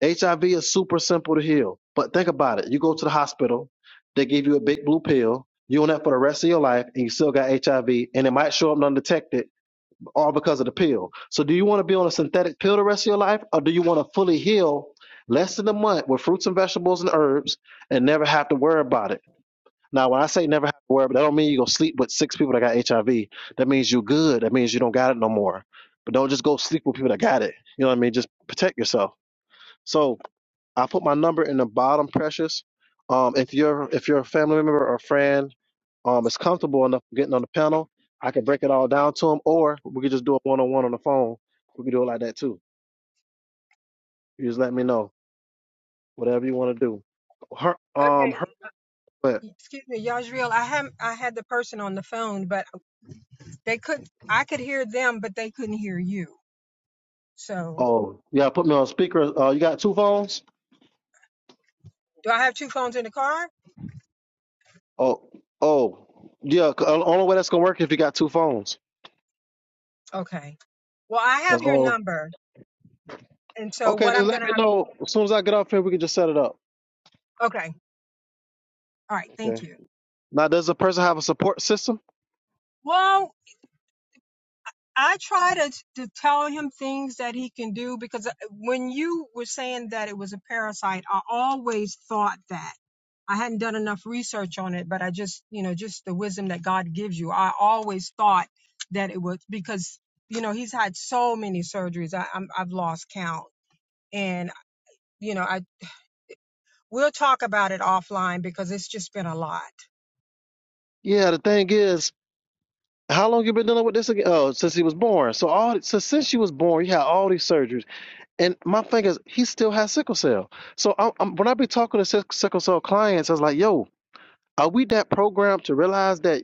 [SPEAKER 1] HIV is super simple to heal, but think about it. You go to the hospital, they give you a big blue pill. You on that for the rest of your life, and you still got HIV, and it might show up undetected all because of the pill. So do you want to be on a synthetic pill the rest of your life, or do you want to fully heal less than a month with fruits and vegetables and herbs and never have to worry about it? Now, when I say never have to worry, but that don't mean you go sleep with six people that got HIV. That means you're good. That means you don't got it no more. But don't just go sleep with people that got it. You know what I mean? Just protect yourself. So I put my number in the bottom, Precious. Um, if you're if you're a family member or a friend, um, is comfortable enough getting on the panel, I can break it all down to them, or we could just do it one on one on the phone. We could do it like that too. You just let me know whatever you want to do. Her um her
[SPEAKER 3] Okay.
[SPEAKER 1] but
[SPEAKER 3] Excuse me, Yajriel. I had I had the person on the phone, but they couldn't. I could hear them, but they couldn't hear you. So
[SPEAKER 1] oh yeah, put me on speaker. Uh, you got two phones?
[SPEAKER 3] do I have two phones in the car?
[SPEAKER 1] Oh oh yeah. c- uh, Only way that's gonna work if you got two phones.
[SPEAKER 3] Okay. Well, I
[SPEAKER 1] That's
[SPEAKER 3] have your
[SPEAKER 1] all.
[SPEAKER 3] number, and so
[SPEAKER 1] Okay,
[SPEAKER 3] what
[SPEAKER 1] just
[SPEAKER 3] I'm
[SPEAKER 1] let
[SPEAKER 3] gonna
[SPEAKER 1] me know as soon as I get off here. We can just set it up.
[SPEAKER 3] have. Okay. All right.
[SPEAKER 1] Okay.
[SPEAKER 3] Thank you.
[SPEAKER 1] Now, does a person have a support system?
[SPEAKER 3] Whoa. I try to to tell him things that he can do because uh, when you were saying that it was a parasite, I always thought that. I hadn't done enough research on it, but I just, you know, just the wisdom that God gives you. I always thought that it was because, you know, he's had so many surgeries. I, I'm, I've lost count, and you know, I We'll talk about it offline because it's just been a lot.
[SPEAKER 1] Yeah, the thing is, how long you been dealing with this again? Oh, since he was born. So all so since she was born, you had all these surgeries. And my thing is, he still has sickle cell. So I'm, I'm, when I be talking to sick, sickle cell clients, I was like, yo, are we that programmed to realize that?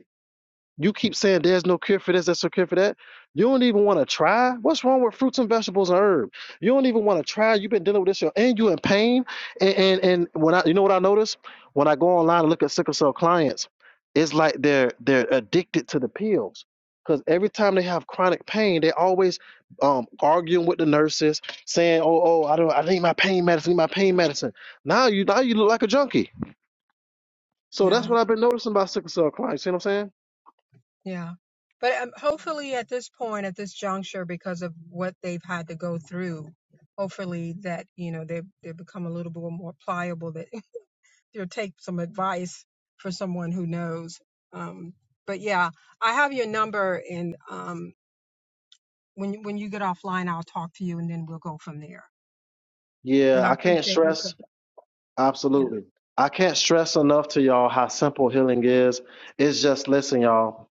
[SPEAKER 1] You keep saying there's no cure for this, there's no cure for that. You don't even want to try. What's wrong with fruits and vegetables and herbs? You don't even want to try. You've been dealing with this, your- and you're in pain. And, and and when I, you know what I notice when I go online and look at sickle cell clients, it's like they're they're addicted to the pills because every time they have chronic pain, they always um arguing with the nurses, saying, "Oh, oh, I don't, I need my pain medicine, need my pain medicine." Now you now you look like a junkie. So that's
[SPEAKER 3] Yeah.
[SPEAKER 1] what I've been noticing about sickle cell clients. See what I'm saying?
[SPEAKER 3] Yeah. But um, hopefully, at this point, at this juncture, because of what they've had to go through, hopefully that you know they they become a little bit more pliable. That they'll take some advice for someone who knows. Um, but yeah, I have your number, and um, when you- when you get offline, I'll talk to you, and then we'll go from there.
[SPEAKER 1] Yeah,
[SPEAKER 3] And I
[SPEAKER 1] I can't
[SPEAKER 3] appreciate you. For,
[SPEAKER 1] stress
[SPEAKER 3] yeah.
[SPEAKER 1] absolutely. I can't stress enough to y'all how simple healing is. It's just listen, y'all.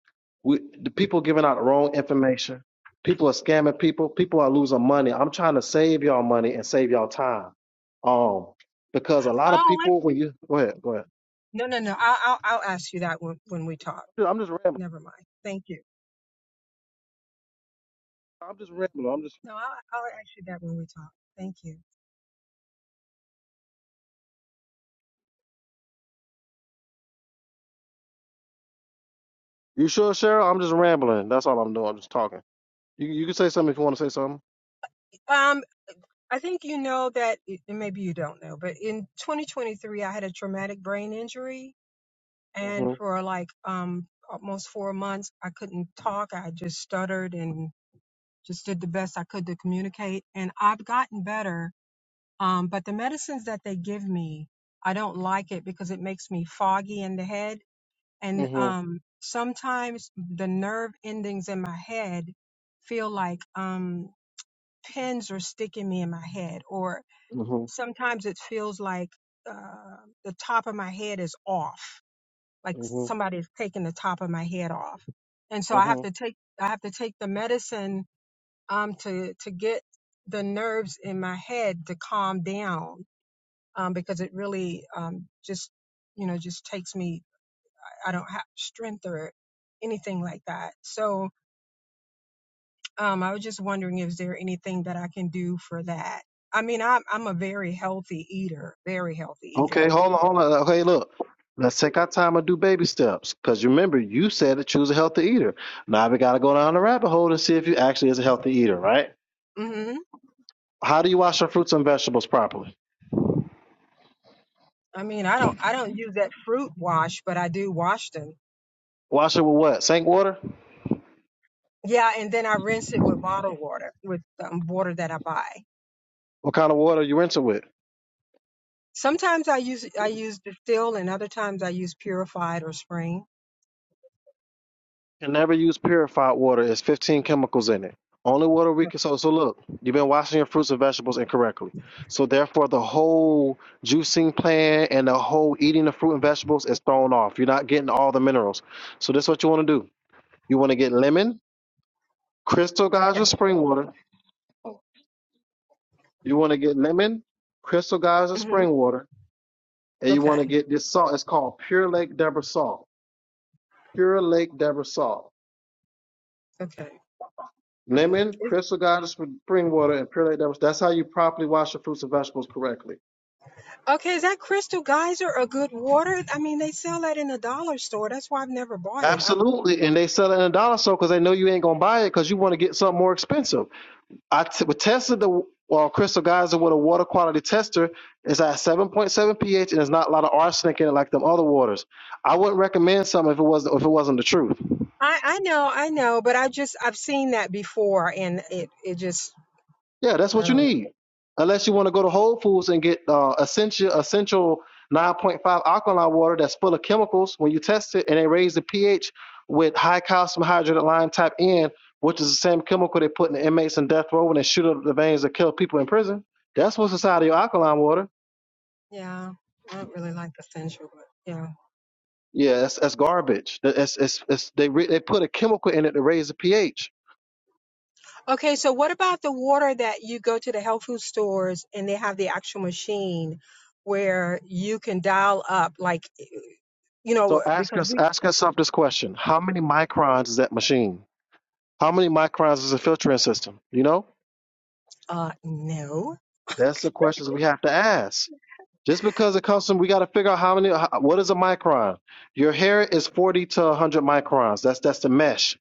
[SPEAKER 1] We the people giving out the wrong information. People are scamming people. People are losing money. I'm trying to save y'all money and save y'all time. Um, because a lot of
[SPEAKER 3] Oh wait.
[SPEAKER 1] people when you go ahead, go ahead.
[SPEAKER 3] no, no, no. I'll, I'll I'll ask you that when when we talk.
[SPEAKER 1] I'm just rambling.
[SPEAKER 3] Never mind. Thank you.
[SPEAKER 1] I'm just rambling. I'm just.
[SPEAKER 3] No, I'll, I'll ask you that when we talk. Thank you.
[SPEAKER 1] You sure, Cheryl? I'm just rambling. That's all I'm doing. I'm just talking. You you can say something if you want to say something.
[SPEAKER 3] Um. I think you know that, eh, and maybe you don't know, but in 2023, I had a traumatic brain injury. And
[SPEAKER 1] Mm-hmm.
[SPEAKER 3] for like um, almost four months, I couldn't talk. I just stuttered and just did the best I could to communicate. And I've gotten better. Um, but the medicines that they give me, I don't like it because it makes me foggy in the head. And
[SPEAKER 1] Mm-hmm.
[SPEAKER 3] um, sometimes the nerve endings in my head feel like um, pins are sticking me in my head or
[SPEAKER 1] Mm-hmm.
[SPEAKER 3] sometimes it feels like uh, the top of my head is off, like
[SPEAKER 1] Mm-hmm.
[SPEAKER 3] somebody's taking the top of my head off, and so I have to
[SPEAKER 1] Mm-hmm.
[SPEAKER 3] take I have to take the medicine um, to to get the nerves in my head to calm down um, because it really um, just you know just takes me I don't have strength or anything like that. So um, I was just wondering if there anything that I can do for that. I mean, I'm I'm a very healthy eater, very healthy eater.
[SPEAKER 1] Okay, hold on, hold on. Uh, Okay, look. Let's take our time and do baby steps. Because remember, you said to choose a healthy eater. Now we got to go down the rabbit hole and see if you actually is a healthy eater, right?
[SPEAKER 3] Mm-hmm.
[SPEAKER 1] How do you wash your fruits and vegetables properly?
[SPEAKER 3] I mean, I don't I don't use that fruit wash, but I do wash them.
[SPEAKER 1] Wash it with what? Sink water?
[SPEAKER 3] Yeah, and then I rinse it with bottled water, with um, water that I buy.
[SPEAKER 1] What kind of water you rinse it with?
[SPEAKER 3] Sometimes I use I use distilled, and other times I use purified or spring.
[SPEAKER 1] can never use purified water. It's 15 chemicals in it. Only water we
[SPEAKER 3] Yeah,
[SPEAKER 1] can so so look, you've been washing your fruits and vegetables incorrectly. So therefore the whole juicing plan and the whole eating the fruit and vegetables is thrown off. You're not getting all the minerals. So this is what you want to do. You want to get lemon, crystal
[SPEAKER 3] Okay.
[SPEAKER 1] geyser spring water. You want to get lemon, crystal geyser
[SPEAKER 3] hmm
[SPEAKER 1] spring water, and you want to
[SPEAKER 3] Okay.
[SPEAKER 1] get this salt. It's called Pure Lake Deborah salt. Pure Lake Deborah salt.
[SPEAKER 3] Okay.
[SPEAKER 1] Lemon,
[SPEAKER 3] Is,
[SPEAKER 1] crystal goddess, spring water, and pure that. devils. That's how you properly wash your fruits and vegetables correctly.
[SPEAKER 3] okay. Is that Crystal Geyser a good water? I mean, they sell that in a dollar store. That's why I've never bought it. I
[SPEAKER 1] Absolutely. And they sell it in a dollar store because they know you ain't going to buy it because you want to get something more expensive. I t- tested the well, crystal geyser with a water quality tester. It's at 7.7 pH and there's not a lot of arsenic in it like them other waters. I wouldn't recommend something if it wasn't if it wasn't the truth.
[SPEAKER 3] I, I know, I know, but I just I've seen that before, and it it just
[SPEAKER 1] Yeah, that's
[SPEAKER 3] I
[SPEAKER 1] what you
[SPEAKER 3] don't know.
[SPEAKER 1] need. Unless you want to go to Whole Foods and get uh, essential essential 9.5 alkaline water that's full of chemicals. When you test it and they raise the pH with high calcium hydroxide lime type N, which is the same chemical they put in the inmates in death row when they shoot up the veins that kill people in prison. That's what's inside of your alkaline water.
[SPEAKER 3] Yeah, I don't really like the essential, but yeah.
[SPEAKER 1] Yeah, that's, that's garbage. That- It's, it's, it's, they, re- they put a chemical in it to raise the pH.
[SPEAKER 3] Okay, so what about the water that you go to the health food stores and they have the actual machine where you can dial up, like, eh, you
[SPEAKER 1] So
[SPEAKER 3] know,
[SPEAKER 1] ask
[SPEAKER 3] because
[SPEAKER 1] us
[SPEAKER 3] we,
[SPEAKER 1] ask yourself this question: How many microns is that machine? How many microns is the filtering system? You know.
[SPEAKER 3] uh, no.
[SPEAKER 1] That's the questions we have to ask. Just because it comes from, we got to figure out how many. How, what is a micron? Your hair is forty to one hundred microns. That's that's the mesh.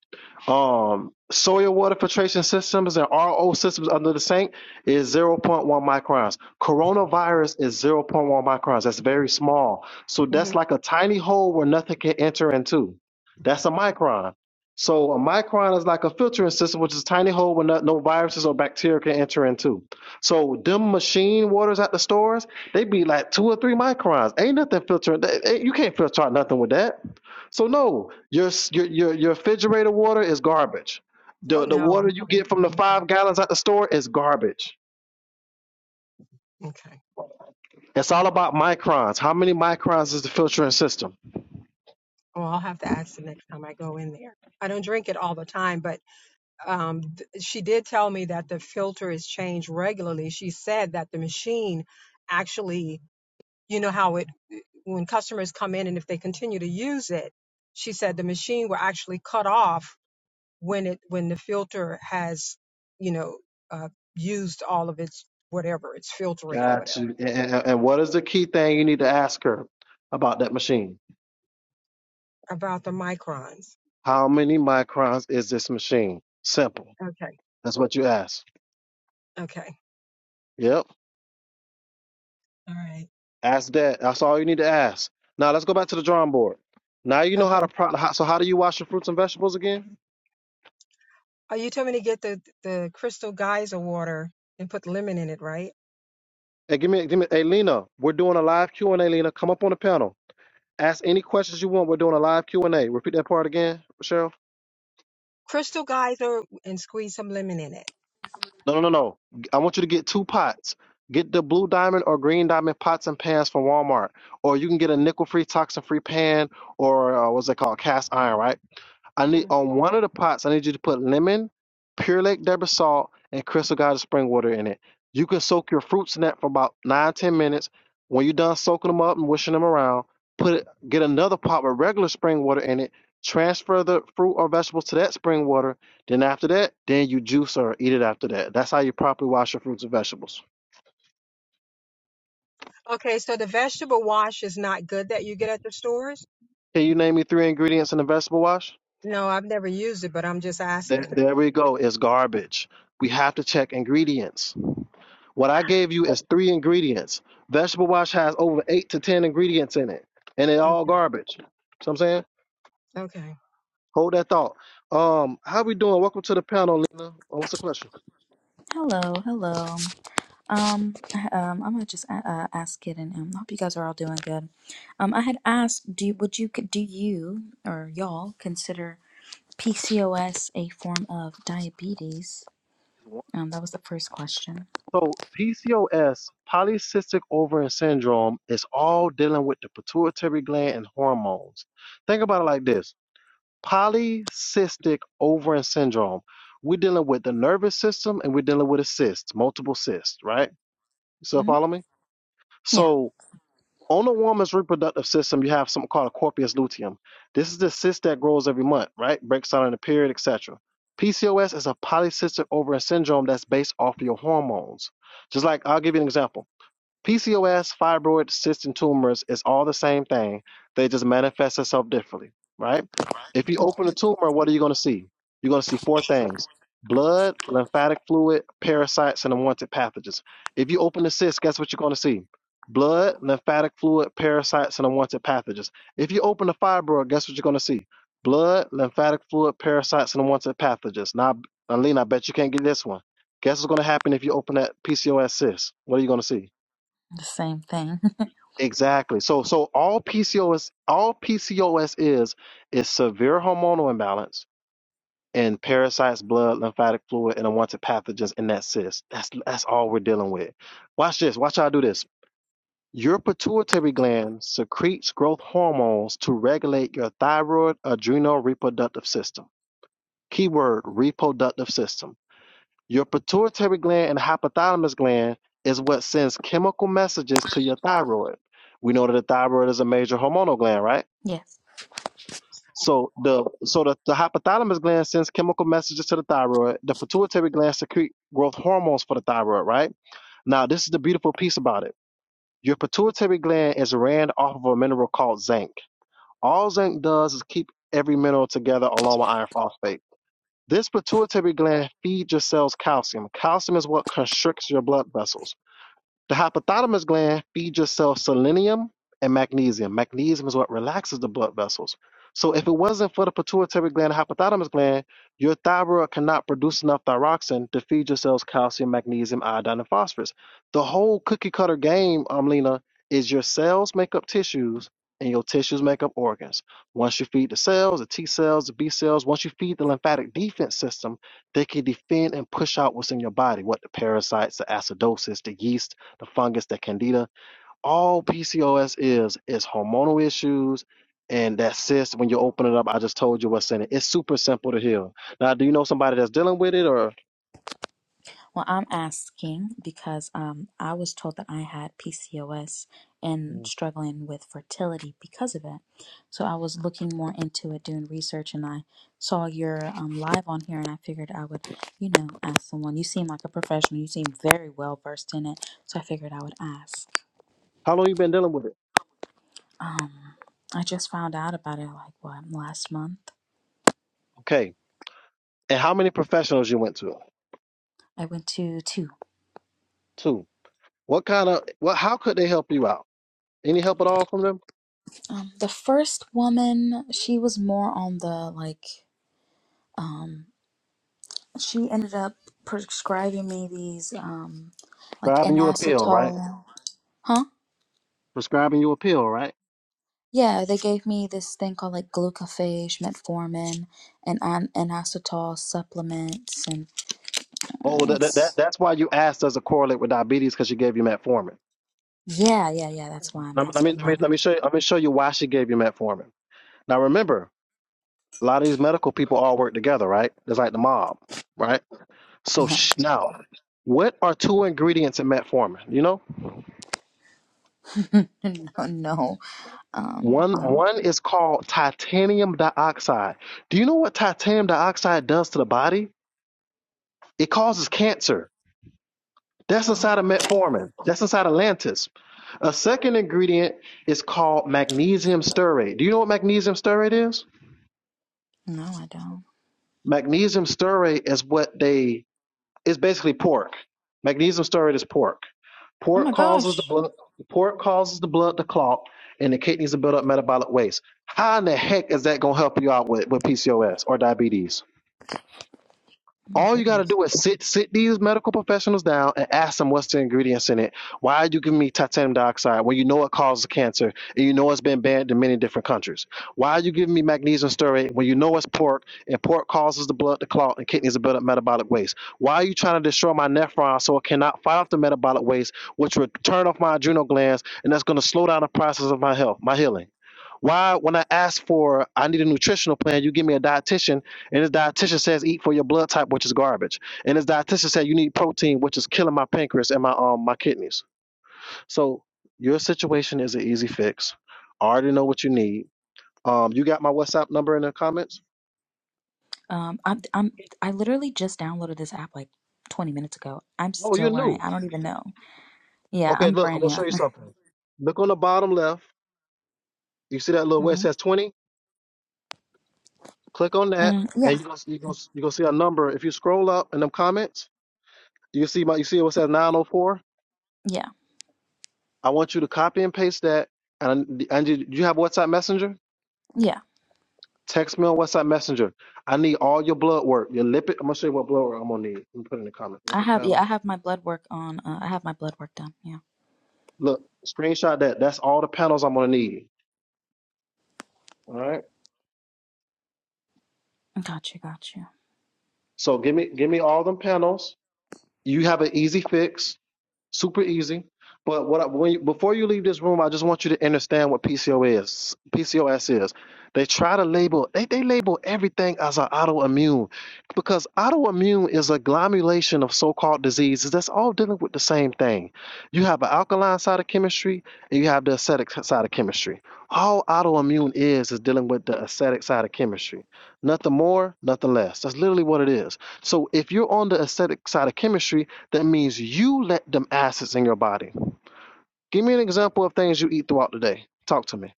[SPEAKER 1] Um, soil water filtration systems and RO systems under the sink is zero point one microns. Coronavirus is zero point one microns. That's very small. So
[SPEAKER 3] hmm
[SPEAKER 1] that's like a tiny hole where nothing can enter into. That's a micron. So a micron is like a filtering system, which is a tiny hole where no, no viruses or bacteria can enter into. So them machine waters at the stores they be like two or three microns. Ain't nothing filtering. That, eh, you can't filter out nothing with that. So no, your your your, your refrigerator water is garbage.
[SPEAKER 3] Oh,
[SPEAKER 1] The the water
[SPEAKER 3] no.
[SPEAKER 1] you
[SPEAKER 3] I
[SPEAKER 1] get
[SPEAKER 3] wouldn't
[SPEAKER 1] from the
[SPEAKER 3] drink
[SPEAKER 1] five
[SPEAKER 3] that.
[SPEAKER 1] gallons at the store is garbage.
[SPEAKER 3] Okay.
[SPEAKER 1] It's all about microns. How many microns is the filtering system?
[SPEAKER 3] Oh, I'll have to ask the next time I go in there. I don't drink it all the time, but um, th- she did tell me that the filter is changed regularly. She said that the machine actually, you know how it, when customers come in and if they continue to use it, she said the machine will actually cut off when it when the filter has, you know, uh, used all of its whatever its filtering or
[SPEAKER 1] Got
[SPEAKER 3] whatever
[SPEAKER 1] you. And, and, and what is the key thing you need to ask her about that machine?
[SPEAKER 3] about the microns.
[SPEAKER 1] How many microns is this machine? Simple.
[SPEAKER 3] Okay.
[SPEAKER 1] That's what you ask.
[SPEAKER 3] Okay.
[SPEAKER 1] Yep.
[SPEAKER 3] All right.
[SPEAKER 1] Ask that. That's all you need to ask. Now let's go back to the drawing board. Now you know
[SPEAKER 3] Okay.
[SPEAKER 1] how to pro- how, so how do you wash your fruits and vegetables again?
[SPEAKER 3] Oh, you told me to get the the crystal geyser water and put lemon in it, right?
[SPEAKER 1] Hey, give me give me hey Lena, we're doing a live Q and A, Lena. Come up on the panel. Ask any questions you want. We're doing a live Q and A. Repeat that part again, Cheryl.
[SPEAKER 3] Crystal geyser and squeeze some lemon in it.
[SPEAKER 1] No, no, no, no. I want you to get two pots. Get the blue diamond or green diamond pots and pans from Walmart, or you can get a nickel-free, toxin-free pan, or uh, what's it called, cast iron, right? I
[SPEAKER 3] hmm
[SPEAKER 1] need on one of the pots. I need you to put lemon, pure Lake Debra salt, and crystal Goddess spring water in it. You can soak your fruits in that for about nine ten minutes. When you're done soaking them up and wishing them around, put it, get another pot with regular spring water in it. Transfer the fruit or vegetables to that spring water. Then after that, then you juice or eat it after that. That's how you properly wash your fruits and vegetables.
[SPEAKER 3] Okay, so the vegetable wash is not good that you get at the stores?
[SPEAKER 1] Can you name me three ingredients in a vegetable wash?
[SPEAKER 3] No, I've never used it, but I'm just
[SPEAKER 1] There,
[SPEAKER 3] asking.
[SPEAKER 1] there we go. It's garbage. We have to check ingredients. What I gave you is three ingredients. Vegetable wash has over eight to ten ingredients in it, and they're all
[SPEAKER 3] Okay.
[SPEAKER 1] garbage. See what I'm saying?
[SPEAKER 3] Okay.
[SPEAKER 1] Hold that thought. Um, how we doing? Welcome to the panel, Lena. Oh, what's the question?
[SPEAKER 5] Hello, hello. Um, I- um, I'm gonna just a- uh, ask it, and um, I hope you guys are all doing good. Um, I had asked, do would you do you or y'all consider PCOS a form of diabetes? Um, that was the first question.
[SPEAKER 1] So PCOS, polycystic ovarian syndrome, is all dealing with the pituitary gland and hormones. Think about it like this: polycystic ovarian syndrome. We're dealing with the nervous system, and we're dealing with a cyst, multiple cysts, right? You still
[SPEAKER 5] hmm
[SPEAKER 1] follow me?
[SPEAKER 5] Yeah.
[SPEAKER 1] So on a woman's reproductive system, you have something called a corpus luteum. This is the cyst that grows every month, right? Breaks out in the period, etc. PCOS is a polycystic ovarian syndrome that's based off of your hormones. Just like I'll give you an example. PCOS, fibroid, cysts, and tumors is all the same thing. They just manifest itself differently, right? If you open a
[SPEAKER 5] Okay.
[SPEAKER 1] tumor, what are you going to see? You're going to see four things blood, lymphatic fluid, parasites, and unwanted pathogens. If you open a cyst, guess what you're going to see? Blood, lymphatic fluid, parasites, and unwanted pathogens. If you open a fibroid, guess what you're going to see? Blood, lymphatic fluid, parasites, and unwanted pathogens. Now, Alina, I bet you can't get this one. Guess what's going to happen if you open that PCOS cyst? What are you going to see?
[SPEAKER 5] The same thing.
[SPEAKER 1] Exactly. So so all PCOS all PCOS is is severe hormonal imbalance in parasites, blood, lymphatic fluid, and unwanted pathogens in that cyst. That's that's all we're dealing with. Watch this. Watch how I do this. Your pituitary gland secretes growth hormones to regulate your thyroid, adrenal, reproductive system. Keyword reproductive system. Your pituitary gland and hypothalamus gland is what sends chemical messages to your thyroid. We know that the thyroid is a major hormonal gland, right?
[SPEAKER 5] yes.
[SPEAKER 1] So the so the, the hypothalamus gland sends chemical messages to the thyroid. The pituitary gland secrete growth hormones for the thyroid, right? Now this is the beautiful piece about it. Your pituitary gland is ran off of a mineral called zinc. All zinc does is keep every mineral together along with iron phosphate. This pituitary gland feeds your cells calcium. Calcium is what constricts your blood vessels. The hypothalamus gland feeds yourself selenium and magnesium. Magnesium is what relaxes the blood vessels. So if it wasn't for the pituitary gland and hypothalamus gland, your thyroid cannot produce enough thyroxine to feed your cells calcium, magnesium, iodine, and phosphorus. The whole cookie cutter game, Amlina, is your cells make up tissues and your tissues make up organs. Once you feed the cells, the T cells, the B cells, once you feed the lymphatic defense system, they can defend and push out what's in your body, what the parasites, the acidosis, the yeast, the fungus, the candida. All PCOS is is hormonal issues and that cyst. When you open it up, I just told you what's in it. It's super simple to heal. Now, do you know somebody that's dealing with it or?
[SPEAKER 5] Well, I'm asking because um, I was told that I had PCOS and
[SPEAKER 1] Mm.
[SPEAKER 5] struggling with fertility because of it. So I was looking more into it, doing research, and I saw your um, live on here, and I figured I would, you know, ask someone. You seem like a professional. You seem very well versed in it, so I figured I would ask.
[SPEAKER 1] How long you been dealing with it?
[SPEAKER 5] Um, I just found out about it like what last month.
[SPEAKER 1] Okay. And how many professionals you went to?
[SPEAKER 5] I went to two.
[SPEAKER 1] Two. What kind of what how could they help you out? Any help at all from them?
[SPEAKER 5] Um, the first woman, she was more on the like. Um, she ended up prescribing me these um like
[SPEAKER 1] Prescribing
[SPEAKER 5] an
[SPEAKER 1] you a pill, right?
[SPEAKER 5] acetol huh
[SPEAKER 1] Prescribing you a pill, right?
[SPEAKER 5] yeah they gave me this thing called like glucophage metformin and an and acetol supplements and uh,
[SPEAKER 1] Oh, that, that, that
[SPEAKER 5] it's
[SPEAKER 1] that's why you asked as a correlate with diabetes because she gave you metformin.
[SPEAKER 5] yeah yeah yeah that's why i'm
[SPEAKER 1] Let me, let me
[SPEAKER 5] asking
[SPEAKER 1] let me
[SPEAKER 5] yeah
[SPEAKER 1] let me show you let me show you why she gave you metformin. Now remember, a lot of these medical people all work together, right? It's like the mob, right? So sh- now, what are two ingredients in metformin? You know?
[SPEAKER 5] yeah no no um
[SPEAKER 1] One
[SPEAKER 5] no
[SPEAKER 1] one is called titanium dioxide. Do you know what titanium dioxide does to the body? It causes cancer. That's
[SPEAKER 5] no
[SPEAKER 1] inside of metformin. That's inside of Lantus. A second ingredient is called magnesium stearate. Do you know what magnesium stearate is?
[SPEAKER 5] no i don't
[SPEAKER 1] Magnesium stearate is what they It's basically pork. Magnesium stearate is pork.
[SPEAKER 5] oh my
[SPEAKER 1] Pork causes the
[SPEAKER 5] gosh
[SPEAKER 1] blood. Pork causes the blood to clot, and the kidneys to build up metabolic waste. How in the heck is that gonna help you out with, with PCOS or diabetes?
[SPEAKER 5] oh my
[SPEAKER 1] All you got to
[SPEAKER 5] goodness
[SPEAKER 1] do is sit sit these medical professionals down and ask them what's the ingredients in it. Why are you giving me titanium dioxide when you know it causes cancer and you know it's been banned in many different countries? Why are you giving me magnesium stearate when you know it's pork and pork causes the blood to clot and kidneys to build up metabolic waste? Why are you trying to destroy my nephron so it cannot fight off the metabolic waste, which will turn off my adrenal glands and that's going to slow down the process of my health, my healing? Why, when I ask for, I need a nutritional plan, you give me a dietitian, and this dietitian says eat for your blood type, which is garbage, and this dietitian said you need protein, which is killing my pancreas and my um my kidneys. So your situation is an easy fix. I already know what you need. Um, you got my WhatsApp number in the comments.
[SPEAKER 5] um i'm i'm i literally just downloaded this app like 20 minutes ago i'm
[SPEAKER 1] Oh, you're
[SPEAKER 5] still learning
[SPEAKER 1] new.
[SPEAKER 5] i don't even know yeah
[SPEAKER 1] Okay,
[SPEAKER 5] i'm
[SPEAKER 1] look, I'm
[SPEAKER 5] brand
[SPEAKER 1] gonna
[SPEAKER 5] new
[SPEAKER 1] show you something. Look on the bottom left. You see that little where it
[SPEAKER 5] Mm-hmm.
[SPEAKER 1] says 20? Click on that,
[SPEAKER 5] Mm,
[SPEAKER 1] and
[SPEAKER 5] yeah,
[SPEAKER 1] you gonna you gonna you gonna see a number. If you scroll up in them comments, you see my you see what says 904.
[SPEAKER 5] yeah,
[SPEAKER 1] I want you to copy and paste that. And I, need- do you have WhatsApp Messenger?
[SPEAKER 5] yeah.
[SPEAKER 1] Text me on WhatsApp Messenger. I need all your blood work, your lipid. I'm gonna show you what blood work I'm gonna need. Let me put it in the comment.
[SPEAKER 5] I
[SPEAKER 1] Look at
[SPEAKER 5] have, yeah,
[SPEAKER 1] panel.
[SPEAKER 5] I have my blood work on. Uh, I have my blood work done. Yeah,
[SPEAKER 1] Look, screenshot that. That's all the panels I'm gonna need. All right.
[SPEAKER 5] got you, got you.
[SPEAKER 1] So give me give me all them panels. You have an easy fix. super easy. But what I, wait, before you leave this room, I just want you to understand what PCO is. PCOS is. They try to label they, they label everything as an autoimmune because autoimmune is a glomulation of so-called diseases that's all dealing with the same thing. You have an alkaline side of chemistry and you have the acidic side of chemistry. All autoimmune is is dealing with the acidic side of chemistry. Nothing more, nothing less. That's literally what it is. So if you're on the acidic side of chemistry, that means you let them acids in your body. Give me an example of things you eat throughout the day. Talk to me.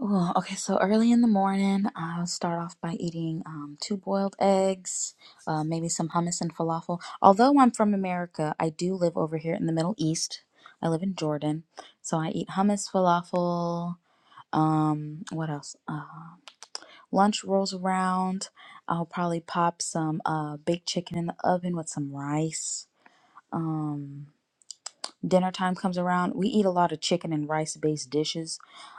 [SPEAKER 5] Oh, okay. So early in the morning, I'll start off by eating um, two boiled eggs, uh, maybe some hummus and falafel. Although I'm from America, I do live over here in the Middle East. I live in Jordan, so I eat hummus, falafel. Um, what else? Uh, lunch rolls around. I'll probably pop some uh, baked chicken in the oven with some rice um dinner time comes around we eat a lot of chicken and rice based dishes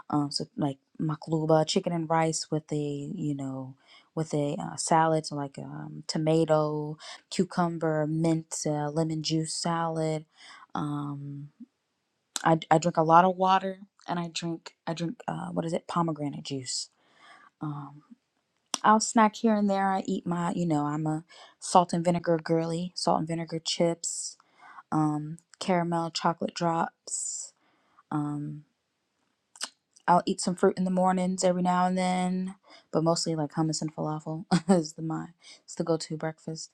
[SPEAKER 5] um so like makluba chicken and rice with a you know with a uh, salad so like um, tomato cucumber mint uh, lemon juice salad um I, I drink a lot of water and i drink i drink uh, what is it pomegranate juice um i'll snack here and there i eat my you know i'm a salt and vinegar girly salt and vinegar chips um, caramel chocolate drops. Um, I'll eat some fruit in the mornings every now and then, but mostly like hummus and falafel is the my it's the go-to breakfast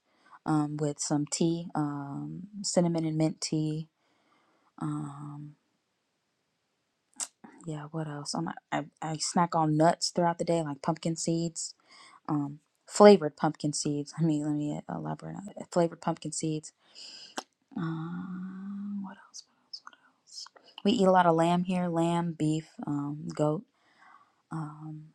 [SPEAKER 5] um, with some tea, um, cinnamon and mint tea. Um, yeah, what else? I'm, I I snack on nuts throughout the day, like pumpkin seeds, um, flavored pumpkin seeds. Let me let me elaborate on that. Flavored pumpkin seeds Um, what else? What else? What else? We eat a lot of lamb here: lamb, beef, um, goat. Um,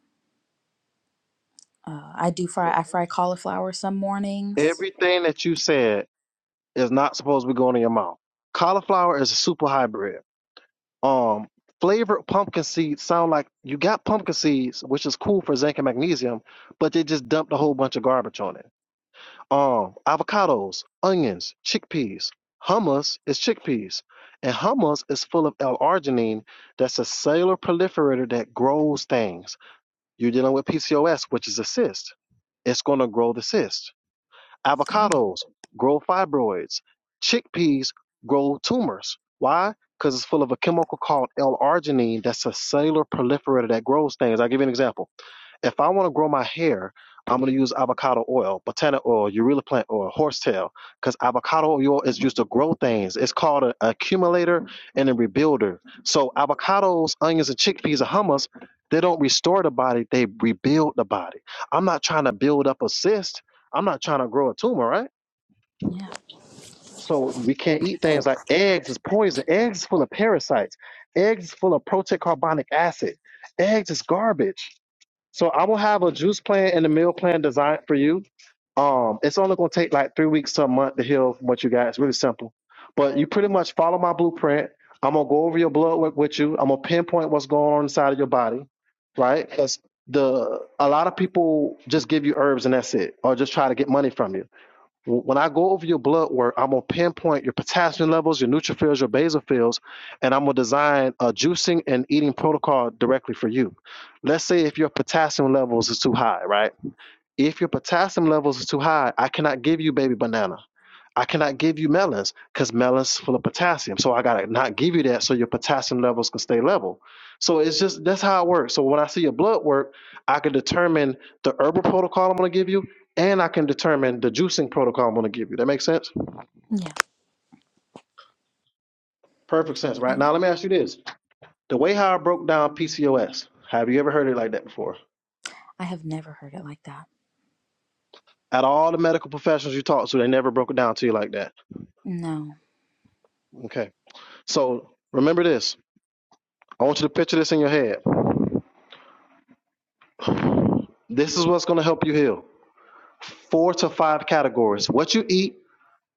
[SPEAKER 5] uh, I do
[SPEAKER 1] So
[SPEAKER 5] fry. I fry
[SPEAKER 1] everything,
[SPEAKER 5] cauliflower some mornings.
[SPEAKER 1] everything that you said is not supposed to be going in your mouth. Cauliflower is a super hybrid. Um, flavored pumpkin seeds sound like you got pumpkin seeds, which is cool for zinc and magnesium, but they just dumped a whole bunch of garbage on it. um, avocados, onions, chickpeas. Hummus is chickpeas, and hummus is full of L-arginine. That's a cellular proliferator that grows things. You're dealing with PCOS, which is a cyst. It's going to grow the cyst.
[SPEAKER 5] Oh,
[SPEAKER 1] Avocados grow fibroids. Chickpeas grow tumors. Why? Because it's full of a chemical called L-arginine. That's a cellular proliferator that grows things. I'll give you an example if I want to grow my hair, I'm going to use avocado oil, botana oil, urea plant oil, horsetail, because avocado oil is used to grow things. It's called an accumulator and a rebuilder. So avocados, onions, and chickpeas and hummus, they don't restore the body; they rebuild the body. I'm not trying to build up a cyst. I'm not trying to grow a tumor, right?
[SPEAKER 5] yeah,
[SPEAKER 1] So we can't eat things like eggs is poison. Eggs is full of parasites. Eggs is full of protocarbonic acid. Eggs is garbage so I will have a juice plan and a meal plan designed for you. Um, it's only gonna take like three weeks to a month to heal from what you got. It's really simple. But you pretty much follow my blueprint. I'm gonna go over your blood work with you. I'm gonna pinpoint what's going on inside of your body, right? Because the a lot of people just give you herbs and that's it, or just try to get money from you when I go over your blood work, I'm gonna pinpoint your potassium levels, your neutrophils, your basophils, and I'm gonna design a juicing and eating protocol directly for you. Let's say if your potassium levels is too high, right? If your potassium levels is too high, I cannot give you baby banana. I cannot give you melons because melons full of potassium. So I gotta not give you that so your potassium levels can stay level. So it's just that's how it works. So when I see your blood work, I can determine the herbal protocol I'm gonna give you, and I can determine the juicing protocol I'm gonna give you. That makes sense?
[SPEAKER 5] yeah.
[SPEAKER 1] Perfect sense, right?
[SPEAKER 5] Mhm.
[SPEAKER 1] Now let me ask you this. The way how I broke down PCOS, have you ever heard it like that before?
[SPEAKER 5] I have never heard it like that.
[SPEAKER 1] At all the medical professionals you talk to, they never broke it down to you like that.
[SPEAKER 5] No.
[SPEAKER 1] Okay. So remember this. I want you to picture this in your head. This is what's gonna help you heal. four to five categories what you eat,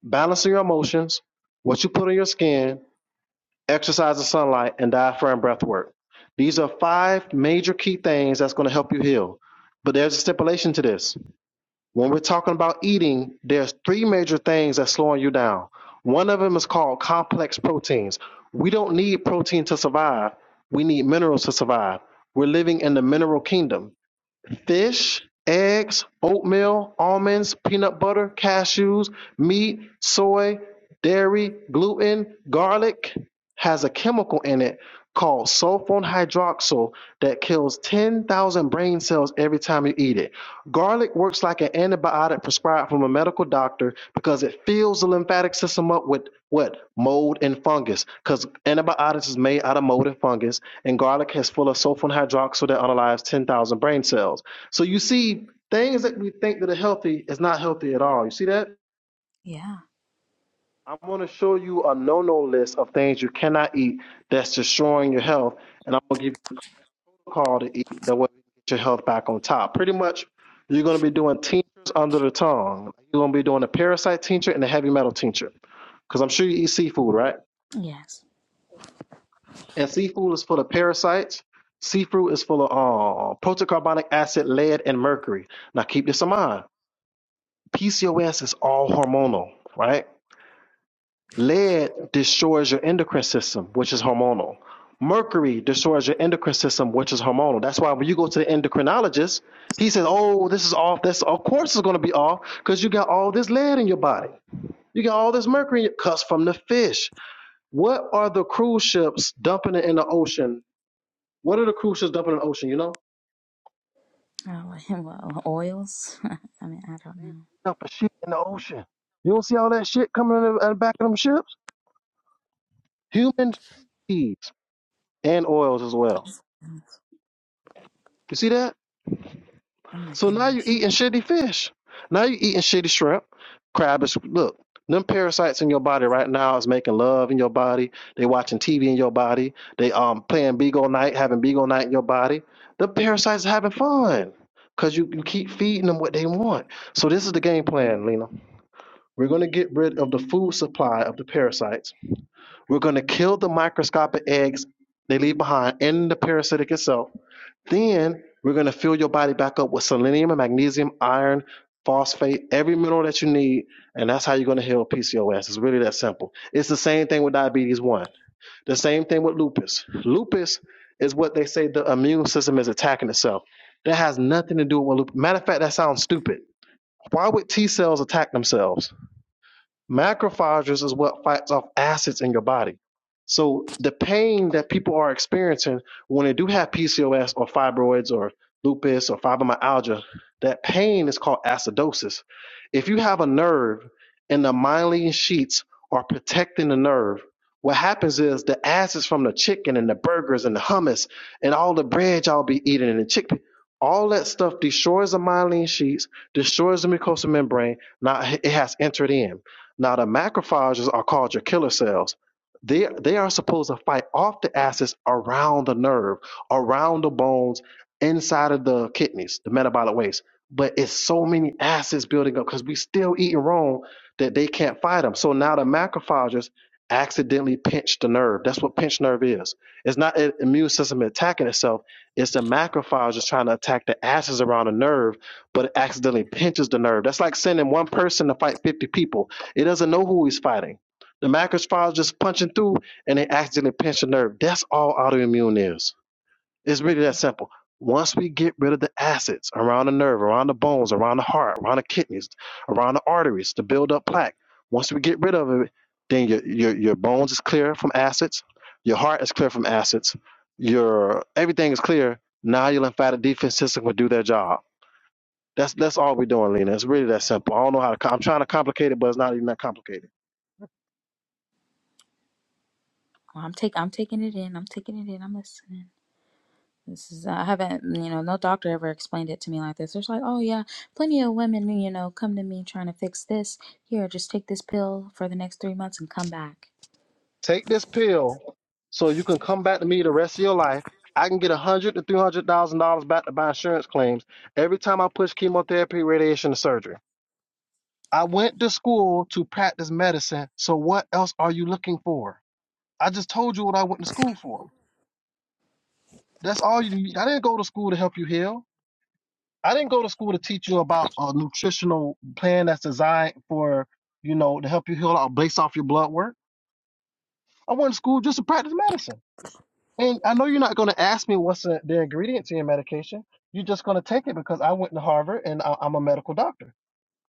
[SPEAKER 1] balancing your emotions, what you put on your skin, exercise and sunlight, and diaphragm breath work. These are five major key things that's going to help you heal. But there's a stipulation to this. When we're talking about eating, there's three major things that's slowing you down. One of them is called complex proteins. We don't need protein to survive, we need minerals to survive. We're living in the mineral kingdom fish, eggs, oatmeal, almonds, peanut butter, cashews, meat, soy, dairy, gluten, garlic has a chemical in it called sulfone hydroxyl that kills 10,000 brain cells every time you eat it. Garlic works like an antibiotic prescribed from a medical doctor because it fills the lymphatic system up with what? Mold and fungus. Because antibiotics is made out of mold and fungus, and garlic is full of sulfone hydroxyl that underlies 10,000 brain cells. So you see, things that we think that are healthy is not healthy at all. You see that?
[SPEAKER 5] Yeah.
[SPEAKER 1] I'm going to show you a no-no list of things you cannot eat that's destroying your health, and I'm going to give you a protocol to eat that will get your health back on top. Pretty much, you're going to be doing tinctures under the tongue. You're going to be doing a parasite tincture and a heavy metal tincture, because I'm sure you eat seafood, right?
[SPEAKER 5] Yes.
[SPEAKER 1] And seafood is full of parasites. Seafood is full of uh, protocarbonic acid, lead, and mercury. Now keep this in mind PCOS is all hormonal, right? Lead destroys your endocrine system, which is hormonal. Mercury destroys your endocrine system, which is hormonal. That's why when you go to the endocrinologist, he says, "Oh, this is off. This of course is going to be off because you got all this lead in your body. You got all this mercury in your cuts from the fish. What are the cruise ships dumping it in the ocean? What are the cruise ships dumping in the ocean? You know,
[SPEAKER 5] Oh, well, oils. I mean, I don't
[SPEAKER 1] they
[SPEAKER 5] know.
[SPEAKER 1] dumping shit in the ocean. You don't see all that shit coming in the, in the back of them ships? Human feces. and oils as well. You see that?
[SPEAKER 5] Oh my
[SPEAKER 1] So now you're
[SPEAKER 5] goodness.
[SPEAKER 1] eating shitty fish. Now you're eating shitty shrimp, crab. Is, look, them parasites in your body right now is making love in your body. They watching TV in your body. They um playing Beagle Night, having Beagle Night in your body. The parasites having fun because you, you keep feeding them what they want. So this is the game plan, Lena. We're going to get rid of the food supply of the parasites We're going to kill the microscopic eggs they leave behind in the parasitic itself. Then we're going to fill your body back up with selenium and magnesium, iron, phosphate, every mineral that you need. And that's how you're going to heal PCOS. It's really that simple. It's the same thing with diabetes 1, the same thing with lupus. Lupus is what they say the immune system is attacking itself. That has nothing to do with lupus. Matter of fact, that sounds stupid. Why would T cells attack themselves? Macrophages is what fights off acids in your body. So the pain that people are experiencing when they do have PCOS or fibroids or lupus or fibromyalgia, that pain is called acidosis. If you have a nerve and the myelin sheets are protecting the nerve, what happens is the acids from the chicken and the burgers and the hummus and all the bread y'all be eating and the chickpea, all that stuff destroys the myelin sheets, destroys the mucosal membrane. Now it has entered in. Now, the macrophages are called your killer cells. They, they are supposed to fight off the acids around the nerve, around the bones, inside of the kidneys, the metabolic waste. But it's so many acids building up because we still eating wrong that they can't fight them. So now the macrophages accidentally pinch the nerve. That's what pinched nerve is. It's not an immune system attacking itself. It's the macrophages trying to attack the acids around the nerve, but it accidentally pinches the nerve. That's like sending one person to fight 50 people it doesn't know who he's fighting. The macrophage just punching through and they accidentally pinch a nerve. That's all autoimmune is. It's really that simple. Once we get rid of the acids around the nerve, around the bones, around the heart, around the kidneys, around the arteries to build up plaque, once we get rid of it, then your, your, your bones is clear from acids, your heart is clear from acids, your everything is clear. Now your lymphatic defense system will do their job that's that's all we're doing, Lena. It's really that simple. I don't know how to. Com- I'm trying to complicate it, but it's not even that complicated.
[SPEAKER 5] Well, I'm taking. I'm taking it in. I'm taking it in. I'm listening. This is I haven't, you know, no doctor ever explained it to me like this. It's like, oh yeah, plenty of women, you know, come to me trying to fix this. Here, just take this pill for the next three months and come back.
[SPEAKER 1] Take this pill, so you can come back to me the rest of your life. I can get a hundred to three hundred thousand dollars back to buy insurance claims every time I push chemotherapy, radiation, and surgery. I went to school to practice medicine. So what else are you looking for? I just told you what I went to school for. That's all you need. I didn't go to school to help you heal. I didn't go to school to teach you about a nutritional plan that's designed for, you know, to help you heal out based off your blood work. I went to school just to practice medicine. And I know you're not going to ask me what's the the ingredient to your medication. You're just going to take it because I went to Harvard and I, I'm a medical doctor.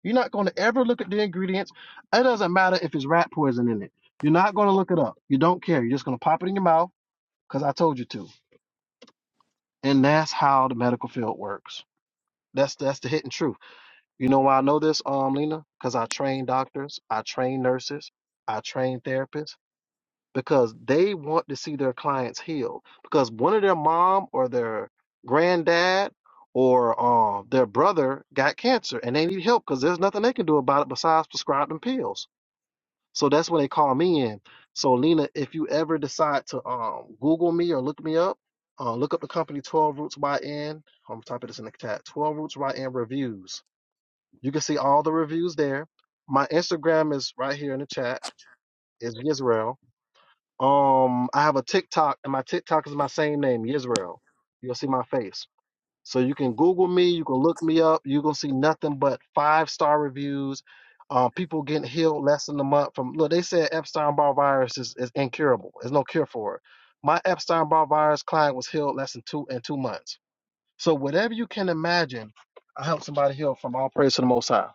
[SPEAKER 1] You're not going to ever look at the ingredients. It doesn't matter if it's rat poison in it. You're not going to look it up. You don't care. You're just going to pop it in your mouth because I told you to. And that's how the medical field works. That's that's the hidden truth. You know why I know this, um, Lena? Because I train doctors, I train nurses, I train therapists because they want to see their clients heal. Because one of their mom or their granddad or uh, their brother got cancer and they need help because there's nothing they can do about it besides prescribe them pills. So that's when they call me in. So Lena, if you ever decide to um Google me or look me up, uh, look up the company Twelve Roots YN. I'm typing this in the chat. Twelve Roots YN reviews. You can see all the reviews there. My Instagram is right here in the chat. It's Yisrael. Um, I have a TikTok, and my TikTok is my same name, Yisrael. You'll see my face. So you can Google me, you can look me up, you're gonna see nothing but five star reviews. Uh, people getting healed less than a month from look, they said Epstein Barr virus is, is incurable. There's no cure for it. My Epstein Barr virus client was healed less than two in two months. So whatever you can imagine, I help somebody heal from all praise to the most high.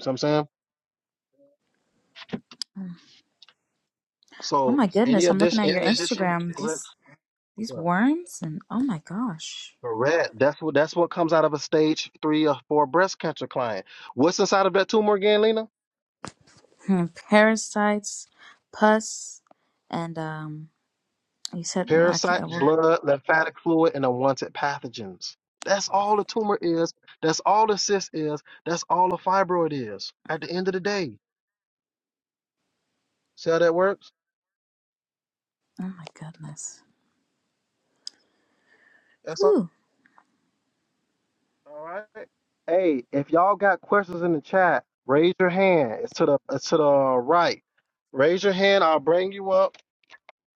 [SPEAKER 1] See what I'm saying?
[SPEAKER 5] Oh
[SPEAKER 1] So
[SPEAKER 5] my
[SPEAKER 1] any
[SPEAKER 5] goodness, I'm looking
[SPEAKER 1] addition
[SPEAKER 5] at your
[SPEAKER 1] any addition
[SPEAKER 5] Instagram.
[SPEAKER 1] go ahead.
[SPEAKER 5] This these
[SPEAKER 1] sir.
[SPEAKER 5] worms and oh my gosh,
[SPEAKER 1] Correct. That's what that's what comes out of a stage three or four breast cancer client. What's inside of that tumor again, Lena?
[SPEAKER 5] parasites, pus, and um, you said oh, I
[SPEAKER 1] Parasite,
[SPEAKER 5] can't, well,
[SPEAKER 1] blood, lymphatic fluid, and unwanted pathogens. That's all the tumor is. That's all the cyst is. That's all the fibroid is. At the end of the day, see how that works?
[SPEAKER 5] oh my goodness.
[SPEAKER 1] That's all.
[SPEAKER 5] Whew.
[SPEAKER 1] All right. Hey, if y'all got questions in the chat, raise your hand. It's to the it's to the right. Raise your hand. I'll bring you up.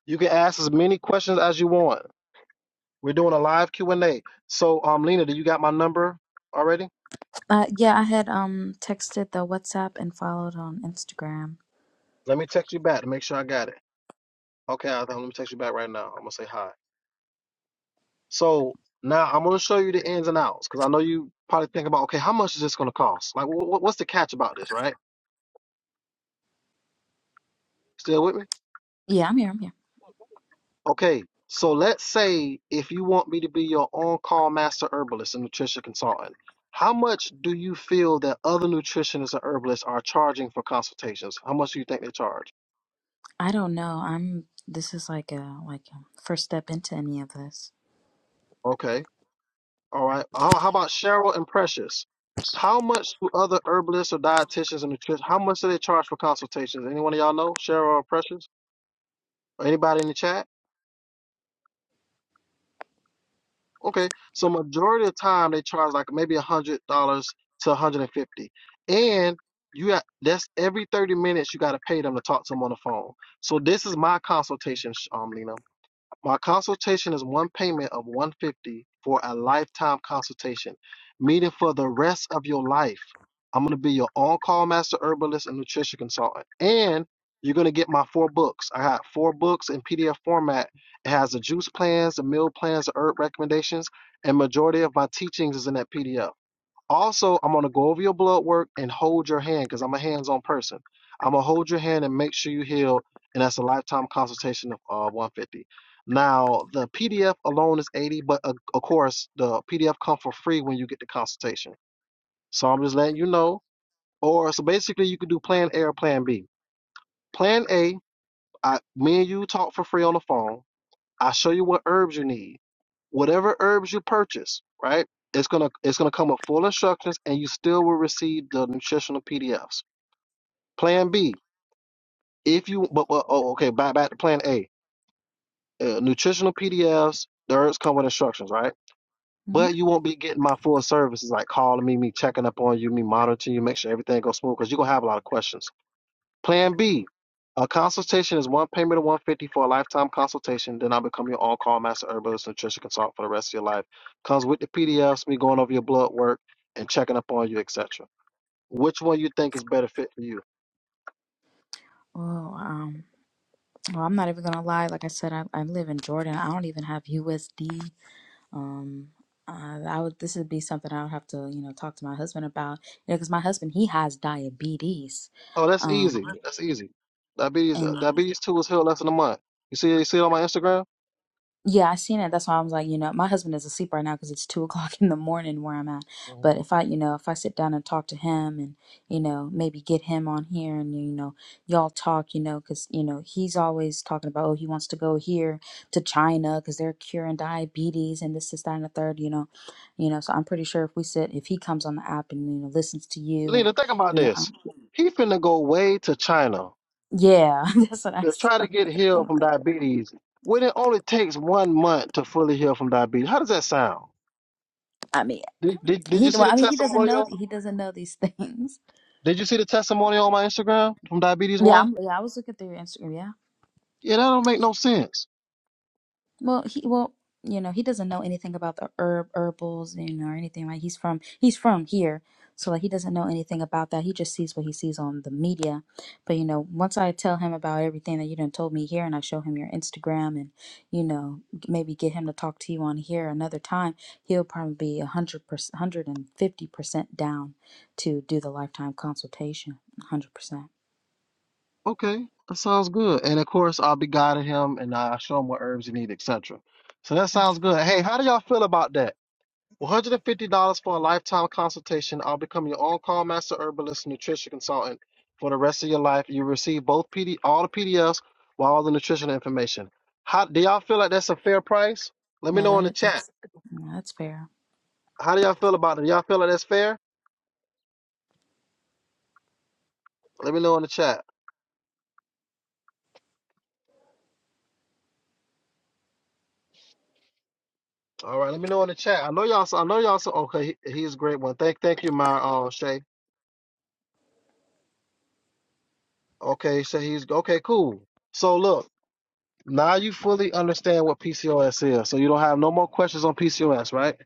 [SPEAKER 1] You can ask as many questions as you want. We're doing a live Q and A. So, um, Lena, do you got my number already?
[SPEAKER 5] Uh, yeah, I had um texted the WhatsApp and followed on Instagram.
[SPEAKER 1] Let me text you back to make sure I got it. Okay, I let me text you back right now. I'm gonna say hi. So now I'm going to show you the ins and outs because I know you probably think about, okay, how much is this going to cost? Like, wh- wh- what's the catch about this, right? Still with me?
[SPEAKER 5] Yeah, I'm here. I'm here.
[SPEAKER 1] Okay, so let's say if you want me to be your on-call master herbalist and nutrition consultant, how much do you feel that other nutritionists and herbalists are charging for consultations? How much do you think they charge?
[SPEAKER 5] I don't know. I'm. This is like a like a first step into any of this.
[SPEAKER 1] Okay, all right. How, how about Cheryl and Precious? How much do other herbalists or dietitians and nutritionists, how much do they charge for consultations? Anyone of y'all know Cheryl or Precious? Anybody in the chat? Okay. So majority of the time they charge like maybe a hundred dollars to a hundred and fifty. And you got that's every thirty minutes you gotta pay them to talk to them on the phone. So this is my consultation, Sh- um, Lena. My consultation is one payment of 150 for a lifetime consultation, meaning for the rest of your life. I'm going to be your on-call master herbalist and nutrition consultant. And you're going to get my four books. I got four books in PDF format. It has the juice plans, the meal plans, the herb recommendations, and majority of my teachings is in that PDF. Also, I'm gonna go over your blood work and hold your hand because I'm a hands-on person. I'm gonna hold your hand and make sure you heal, and that's a lifetime consultation of uh, 150. Now, the PDF alone is 80, but uh, of course, the PDF comes for free when you get the consultation. So I'm just letting you know. Or so basically, you can do Plan A or Plan B. Plan A, I, me and you talk for free on the phone I'll show you what herbs you need. Whatever herbs you purchase, right? It's gonna it's gonna come with full instructions, and you still will receive the nutritional PDFs. Plan B, if you but, but oh okay, back back to Plan A. Uh, nutritional PDFs, the herbs come with instructions, right?
[SPEAKER 5] hmm
[SPEAKER 1] But you won't be getting my full services like calling me, me checking up on you, me monitoring you, make sure everything goes smooth, because you're gonna have a lot of questions. Plan B. A consultation is one payment of 150 dollars for a lifetime consultation. Then I become your on-call master herbalist nutrition consultant for the rest of your life. Comes with the PDFs, me going over your blood work and checking up on you, etc. Which one you think is better fit for you?
[SPEAKER 5] Well, um, well, I'm not even gonna lie. Like I said, I, I live in Jordan. I don't even have USD. Um, uh, I would. This would be something I would have to, you know, talk to my husband about. You know, because my husband he has diabetes.
[SPEAKER 1] Oh, that's
[SPEAKER 5] Um,
[SPEAKER 1] easy. That's easy. Diabetes,
[SPEAKER 5] and
[SPEAKER 1] uh,
[SPEAKER 5] Mhm.
[SPEAKER 1] diabetes two was healed less than a month. You see, you see it on my Instagram.
[SPEAKER 5] Yeah, I seen it. That's why I was like, you know, my husband is asleep right now because it's two o'clock in the morning where I'm at. But
[SPEAKER 1] Mhm.
[SPEAKER 5] if I, you know, if I sit down and talk to him and, you know, maybe get him on here and, you know, y'all talk, you know, because, you know, he's always talking about, oh, he wants to go here to China because they're curing diabetes and this, this, that, and the third, you know. You know, so I'm pretty sure if we sit, if he comes on the app and, you know, listens to you and,
[SPEAKER 1] Lena, think about
[SPEAKER 5] you know, i
[SPEAKER 1] this. He finna go way to China
[SPEAKER 5] yeah, that's what I,
[SPEAKER 1] to
[SPEAKER 5] s-
[SPEAKER 1] try to get
[SPEAKER 5] I
[SPEAKER 1] healed
[SPEAKER 5] don't
[SPEAKER 1] from
[SPEAKER 5] think.
[SPEAKER 1] diabetes when it only takes one month to fully heal from diabetes. How does that sound?
[SPEAKER 5] I mean,
[SPEAKER 1] Did, did, did
[SPEAKER 5] he,
[SPEAKER 1] you see
[SPEAKER 5] well,
[SPEAKER 1] the
[SPEAKER 5] I mean, he doesn't know,
[SPEAKER 1] testimonial?
[SPEAKER 5] he doesn't know these things
[SPEAKER 1] Did you see the testimonial on my Instagram from diabetes
[SPEAKER 5] Yeah,
[SPEAKER 1] one?
[SPEAKER 5] I'm, yeah, I was looking through your Instagram. Yeah.
[SPEAKER 1] Yeah, that don't make no sense.
[SPEAKER 5] Well, he well, you know, he doesn't know anything about the herb herbals, you know, or anything. Like he's from he's from here, so like he doesn't know anything about that. He just sees what he sees on the media. But you know, once I tell him about everything that you done told me here, and I show him your Instagram, and you know, g- maybe get him to talk to you on here another time, he'll probably be a hundred percent, hundred and fifty percent down to do the lifetime consultation. Hundred percent.
[SPEAKER 1] Okay, that sounds good. And of course, I'll be guiding him and I'll show him what herbs he need, etc. So that sounds good. Hey, how do y'all feel about that? $150 for a lifetime consultation. I'll become your on call master herbalist and nutrition consultant for the rest of your life. You receive both PD, all the PDFs while all the nutritional information. How do y'all feel like that's a fair price? Let me
[SPEAKER 5] Yeah,
[SPEAKER 1] know in the
[SPEAKER 5] that
[SPEAKER 1] chat.
[SPEAKER 5] that's yeah, that's fair.
[SPEAKER 1] How do y'all feel about it? Do y'all feel like that's fair? Let me know in the chat. All right, let me know in the chat. I know y'all. I know y'all. Okay, he, he's a great one. Thank, thank you, my uh, Shay. Okay, so he's okay, cool. So look, now you fully understand what PCOS is. So you don't have no more questions on PCOS, right?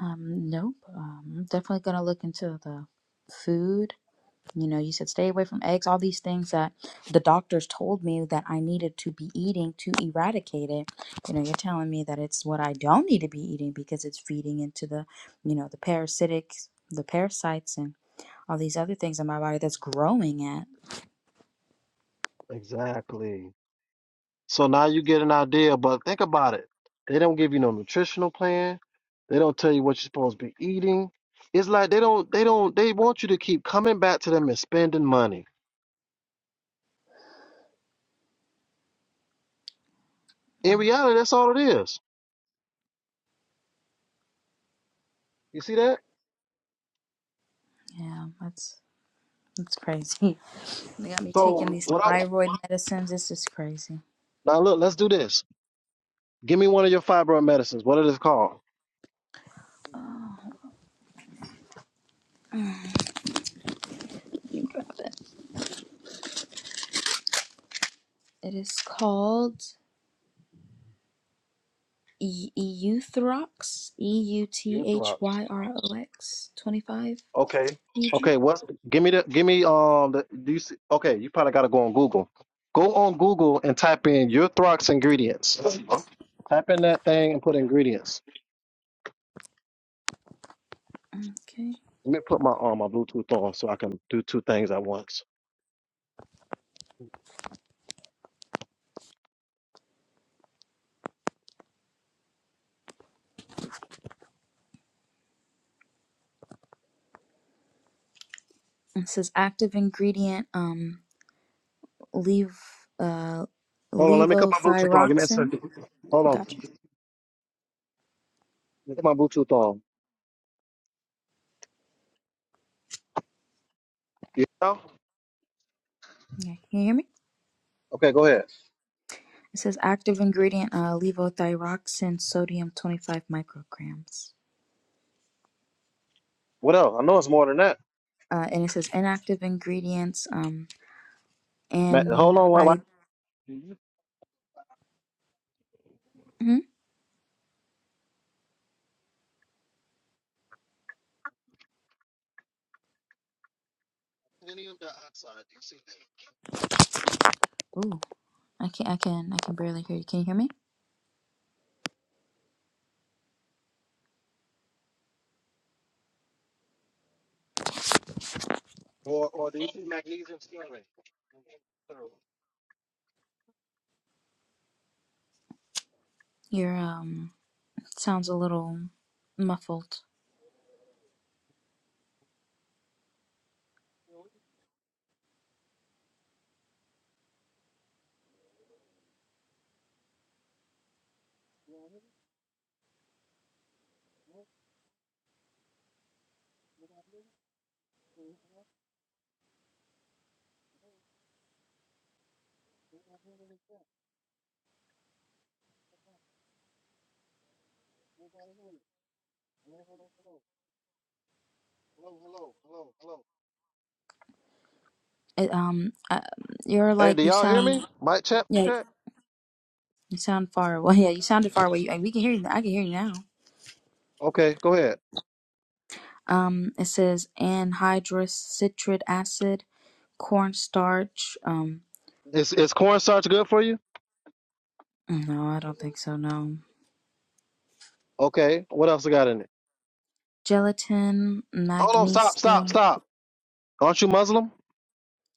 [SPEAKER 5] Um, nope. Um, I'm definitely gonna look into the food. You know, you said stay away from eggs, all these things that the doctors told me that I needed to be eating to eradicate it. You know, you're telling me that it's what I don't need to be eating because it's feeding into the, you know, the parasitic, the parasites and all these other things in my body that's growing at.
[SPEAKER 1] Exactly. So now you get an idea, but think about it. They don't give you no nutritional plan. They don't tell you what you're supposed to be eating. It's like they don't they don't they want you to keep coming back to them and spending money. In reality, that's all it is. You see that?
[SPEAKER 5] Yeah, that's that's crazy. They got me taking
[SPEAKER 1] So
[SPEAKER 5] these
[SPEAKER 1] what I
[SPEAKER 5] thyroid medicines. This is crazy.
[SPEAKER 1] now look, let's do this. Give me one of your fibroid medicines. What it is called?
[SPEAKER 5] Oh, you got it. It is called. E- Euthyrox, E U T H
[SPEAKER 1] Euthrox.
[SPEAKER 5] Y R O X, 25
[SPEAKER 1] Okay.
[SPEAKER 5] mg.
[SPEAKER 1] Okay. What's give me the give me um the do you see okay, you probably gotta go on Google. Go on Google and type in Urthrox ingredients. Type in that thing and put ingredients.
[SPEAKER 5] Okay.
[SPEAKER 1] Let me put my um my Bluetooth on so I can do two things at once.
[SPEAKER 5] It says active ingredient, um, lev, uh,
[SPEAKER 1] Hold on, let me cut my Bluetooth on. Give me a
[SPEAKER 5] levothyroxine.
[SPEAKER 1] second. Hold on.
[SPEAKER 5] Gotcha.
[SPEAKER 1] Let me put my Bluetooth on. You know?
[SPEAKER 5] Okay. Can you hear me?
[SPEAKER 1] Okay, go ahead.
[SPEAKER 5] It says active ingredient, uh, levothyroxine, sodium 25 micrograms.
[SPEAKER 1] What else? I know it's more than that.
[SPEAKER 5] Uh, and it says inactive ingredients, um,
[SPEAKER 1] Ma- Hold on. Why, why?
[SPEAKER 5] anhyd.
[SPEAKER 1] Do you see
[SPEAKER 5] hmm
[SPEAKER 1] selenium dioxide? Do you see that?
[SPEAKER 5] Ooh, I can, I can, I can barely hear you. Can you hear me?
[SPEAKER 1] Or, or do you see magnesium stearate? Hello,
[SPEAKER 5] Your um sounds a little muffled.
[SPEAKER 1] hello, hello, hello.
[SPEAKER 5] it, um, uh, you're
[SPEAKER 1] Hey,
[SPEAKER 5] like
[SPEAKER 1] do
[SPEAKER 5] you
[SPEAKER 1] y'all hear
[SPEAKER 5] sound
[SPEAKER 1] me? Mic check,
[SPEAKER 5] yeah,
[SPEAKER 1] check.
[SPEAKER 5] you sound far away.
[SPEAKER 1] You hear
[SPEAKER 5] Yeah,
[SPEAKER 1] me
[SPEAKER 5] you
[SPEAKER 1] now?
[SPEAKER 5] sounded far away. Uh, We can hear you. I can hear you now.
[SPEAKER 1] Okay, go ahead.
[SPEAKER 5] Um, it says anhydrous citric acid, cornstarch. Um,
[SPEAKER 1] Is is cornstarch good for you?
[SPEAKER 5] no, I don't think so. No,
[SPEAKER 1] Okay. What else I got in it?
[SPEAKER 5] gelatin,
[SPEAKER 1] Hold on. Stop. Stop.
[SPEAKER 5] magnesium.
[SPEAKER 1] Stop. Aren't you Muslim?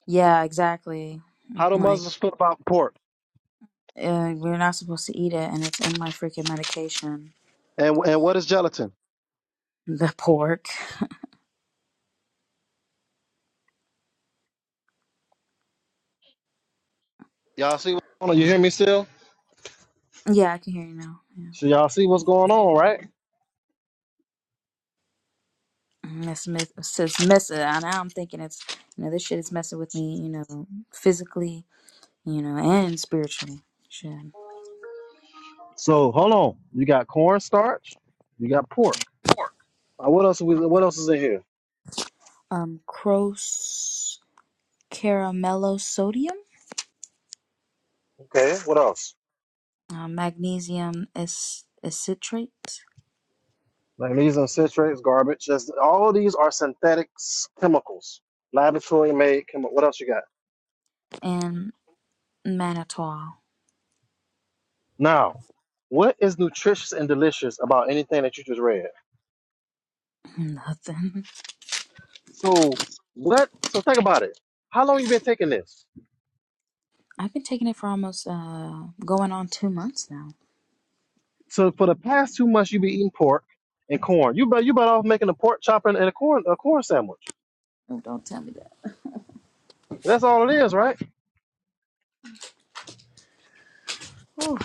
[SPEAKER 5] Yeah, exactly.
[SPEAKER 1] How do
[SPEAKER 5] Mm-hmm, Like
[SPEAKER 1] Muslims feel about pork?
[SPEAKER 5] uh, we're not supposed to eat it, and it's in my freaking medication.
[SPEAKER 1] And and what is gelatin?
[SPEAKER 5] The pork.
[SPEAKER 1] Y'all see? Hold on. You
[SPEAKER 5] Wow.
[SPEAKER 1] hear me still?
[SPEAKER 5] Yeah, I can hear you now. yeah.
[SPEAKER 1] So y'all see what's going on, right?
[SPEAKER 5] It's, mess- it's just messing. And now I'm thinking it's, you know, this shit is messing with me, you know, physically, you know, and spiritually. Shit.
[SPEAKER 1] So hold on. You got cornstarch. You got pork. Uh, what else? We, what else is in here?
[SPEAKER 5] Um, Cros caramello sodium,
[SPEAKER 1] Okay. What else?
[SPEAKER 5] uh, magnesium is citrate,
[SPEAKER 1] Magnesium citrates, garbage. That's, all of these are synthetic s- chemicals, laboratory made chemicals. What else you got?
[SPEAKER 5] and mannitol.
[SPEAKER 1] Now, what is nutritious and delicious about anything that you just read?
[SPEAKER 5] Nothing.
[SPEAKER 1] So what? So think about it. How long you been taking this?
[SPEAKER 5] I've been taking it for almost uh going on two months now.
[SPEAKER 1] So for the past two months, you been eating pork and corn. You bet. You better off making a pork chop and and a corn a corn sandwich.
[SPEAKER 5] Oh, don't tell me that.
[SPEAKER 1] That's all it is, right?
[SPEAKER 5] Whew.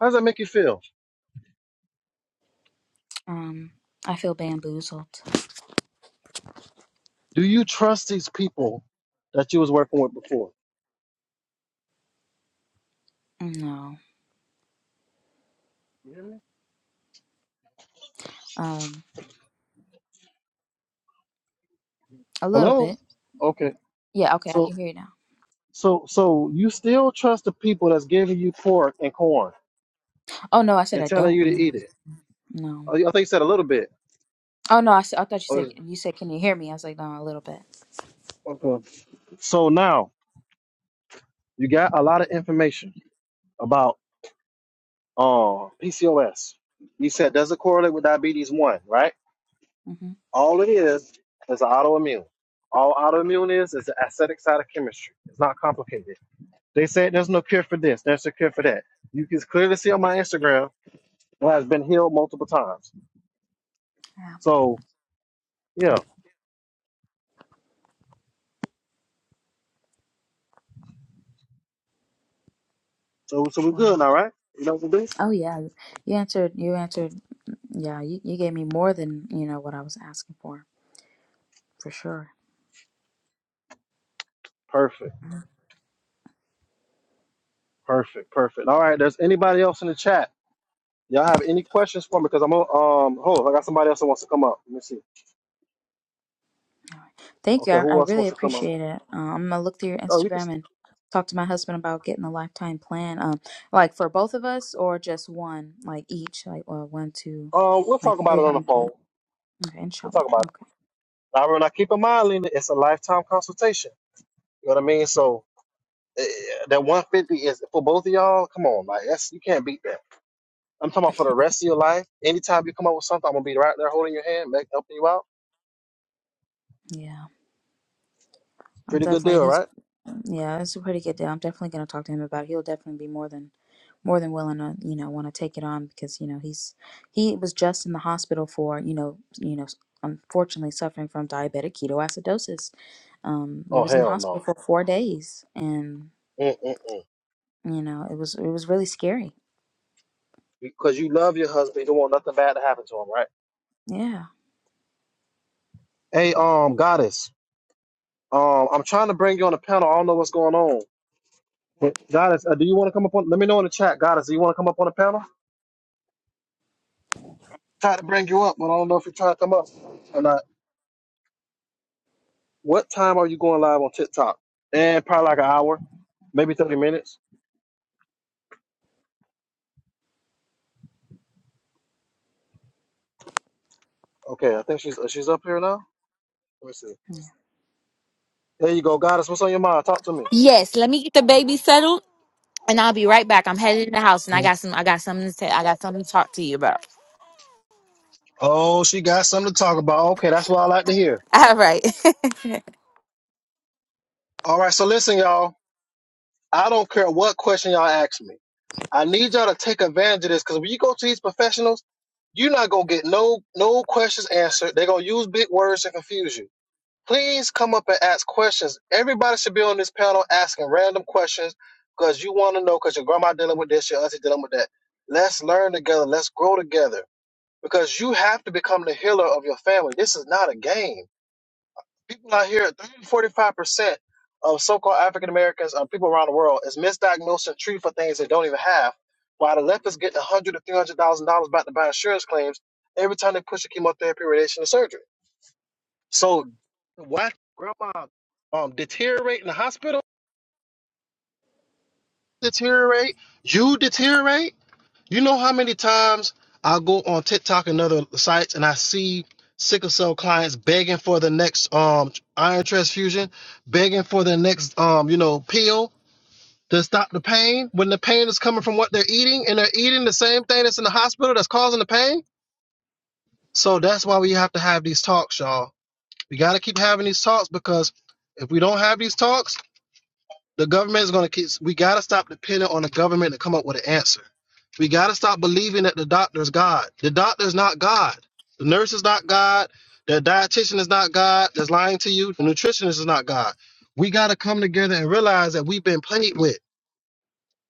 [SPEAKER 1] How does that make you feel?
[SPEAKER 5] Um, I feel bamboozled.
[SPEAKER 1] Do you trust these people that you was working with before?
[SPEAKER 5] No.
[SPEAKER 1] You hear me?
[SPEAKER 5] Um, a little
[SPEAKER 1] Hello?
[SPEAKER 5] bit.
[SPEAKER 1] Okay.
[SPEAKER 5] Yeah. Okay, I
[SPEAKER 1] So
[SPEAKER 5] can hear you now.
[SPEAKER 1] so so you still trust the people that's giving you pork and corn
[SPEAKER 5] Oh no, I said
[SPEAKER 1] and
[SPEAKER 5] I
[SPEAKER 1] telling
[SPEAKER 5] don't
[SPEAKER 1] you to
[SPEAKER 5] know.
[SPEAKER 1] eat it.
[SPEAKER 5] No.
[SPEAKER 1] Oh, I think you said a little bit.
[SPEAKER 5] Oh no, I, said, I thought you
[SPEAKER 1] Oh,
[SPEAKER 5] said
[SPEAKER 1] yeah.
[SPEAKER 5] you said can you hear me? I was like no, a little bit.
[SPEAKER 1] Okay. So now you got a lot of information about uh, PCOS. You said does it correlate with diabetes one, right?
[SPEAKER 5] hmm
[SPEAKER 1] All it is is an autoimmune. All autoimmune is is the acidic side of chemistry. It's not complicated. They said there's no cure for this, there's a cure for that. You can clearly see on my Instagram that has been healed multiple times.
[SPEAKER 5] Yeah.
[SPEAKER 1] So yeah, so so we're good,
[SPEAKER 5] Wow.
[SPEAKER 1] all right? You know what this?
[SPEAKER 5] Oh yeah, you you answered. You answered. Yeah, you, you gave me more than you know what I was asking for for sure.
[SPEAKER 1] Perfect, perfect, perfect. All right, there's anybody else in the chat? Y'all have any questions for me? Because I'm gonna, um hold, I got somebody else that wants to come up. Let me see.
[SPEAKER 5] All right. Thank you.
[SPEAKER 1] Okay,
[SPEAKER 5] I, I
[SPEAKER 1] who else
[SPEAKER 5] really
[SPEAKER 1] wants to come up?
[SPEAKER 5] appreciate it. Uh, I'm gonna look through your
[SPEAKER 1] Oh, you can.
[SPEAKER 5] Instagram
[SPEAKER 1] st-
[SPEAKER 5] and talk to my husband about getting a lifetime plan. Um, like for both of us or just one, like each, like well, one, two,
[SPEAKER 1] Uh, we'll
[SPEAKER 5] like
[SPEAKER 1] talk about it
[SPEAKER 5] three
[SPEAKER 1] on the
[SPEAKER 5] hundred.
[SPEAKER 1] phone.
[SPEAKER 5] Okay,
[SPEAKER 1] We'll
[SPEAKER 5] inshallah.
[SPEAKER 1] talk about it.
[SPEAKER 5] Okay.
[SPEAKER 1] Now, remember, now keep in mind, Lena, it's a lifetime consultation. You know what I mean? So eh, that 150 is for both of y'all. Come on, like that's you can't beat that. I'm talking about for the rest of your life. Anytime you come up with something, I'm gonna be right there holding your hand, make, helping you out.
[SPEAKER 5] Yeah. I'm
[SPEAKER 1] Pretty good
[SPEAKER 5] definitely
[SPEAKER 1] deal,
[SPEAKER 5] he's
[SPEAKER 1] right?
[SPEAKER 5] yeah, it's a pretty good deal. I'm definitely gonna talk to him about it. He'll definitely be more than more than willing to, you know, want to take it on because, you know, he's he was just in the hospital for, you know, you know, unfortunately suffering from diabetic ketoacidosis. Um, we
[SPEAKER 1] Oh
[SPEAKER 5] was in the
[SPEAKER 1] hell
[SPEAKER 5] hospital
[SPEAKER 1] no,
[SPEAKER 5] for four days and,
[SPEAKER 1] Mm-mm.
[SPEAKER 5] you know, it was it was really scary.
[SPEAKER 1] because you love your husband. You don't want nothing bad to happen to him, right?
[SPEAKER 5] Yeah.
[SPEAKER 1] Hey, um, goddess, um, I'm trying to bring you on the panel. I don't know what's going on, but goddess, uh, do you want to come up on? Let me know in the chat, goddess. Do you want to come up on the panel? Try to bring you up, but I don't know if you're trying to come up or not. What time are you going live on TikTok? And probably like an hour, maybe 30 minutes. Okay, I think she's uh, she's up here now. Let me see. There you go, Goddess. What's on your mind? Talk to me.
[SPEAKER 6] Yes, let me get the baby settled and I'll be right back. I'm headed in the house and I
[SPEAKER 1] Mm.
[SPEAKER 6] got some I got something to say. I got something to talk to you about.
[SPEAKER 1] Oh, she got something to talk about. Okay, that's what I like to hear.
[SPEAKER 6] All right.
[SPEAKER 1] All right, so listen, y'all. I don't care what question y'all ask me. I need y'all to take advantage of this because when you go to these professionals, you're not gonna get no no questions answered. They're gonna use big words to confuse you. Please come up and ask questions. Everybody should be on this panel asking random questions because you want to know because your grandma dealing with this, your auntie dealing with that. Let's learn together. Let's grow together. because you have to become the healer of your family. This is not a game. People out here, thirty, forty-five percent of so called African Americans and people around the world is misdiagnosed and treated for things they don't even have, while the left is getting 100 to $300,000 back to buy insurance claims every time they push a chemotherapy, radiation, or surgery. So, why grandma um, deteriorate in the hospital? Deteriorate, you deteriorate. You know how many times I go on TikTok and other sites and I see sickle cell clients begging for the next um iron transfusion, begging for the next um, you know, pill to stop the pain when the pain is coming from what they're eating and they're eating the same thing that's in the hospital that's causing the pain. So that's why we have to have these talks, y'all. We gotta keep having these talks because if we don't have these talks, the government is going to keep. We got to stop depending on the government to come up with an answer. We got to stop believing that the doctor's God. The doctor's not God. The nurse is not God. The dietitian is not God. That's lying to you. The nutritionist is not God. We got to come together and realize that we've been played with,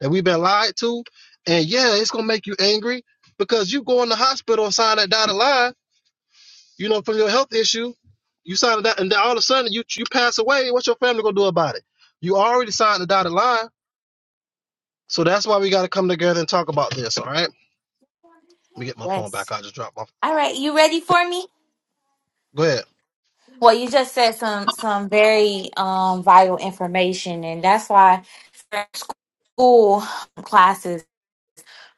[SPEAKER 1] that we've been lied to, and yeah, it's gonna make you angry because you go in the hospital and sign that dotted line. You know, from your health issue, you sign that, and then all of a sudden you you pass away. What's your family gonna do about it? You already signed the dotted line so that's why we got to come together and talk about this. All right. Let me get my phone
[SPEAKER 6] yes.
[SPEAKER 1] back. I just dropped my.
[SPEAKER 6] All right, you ready
[SPEAKER 1] Phone.
[SPEAKER 6] for me?
[SPEAKER 1] Go ahead.
[SPEAKER 6] Well, you just said some some very um vital information and that's why school classes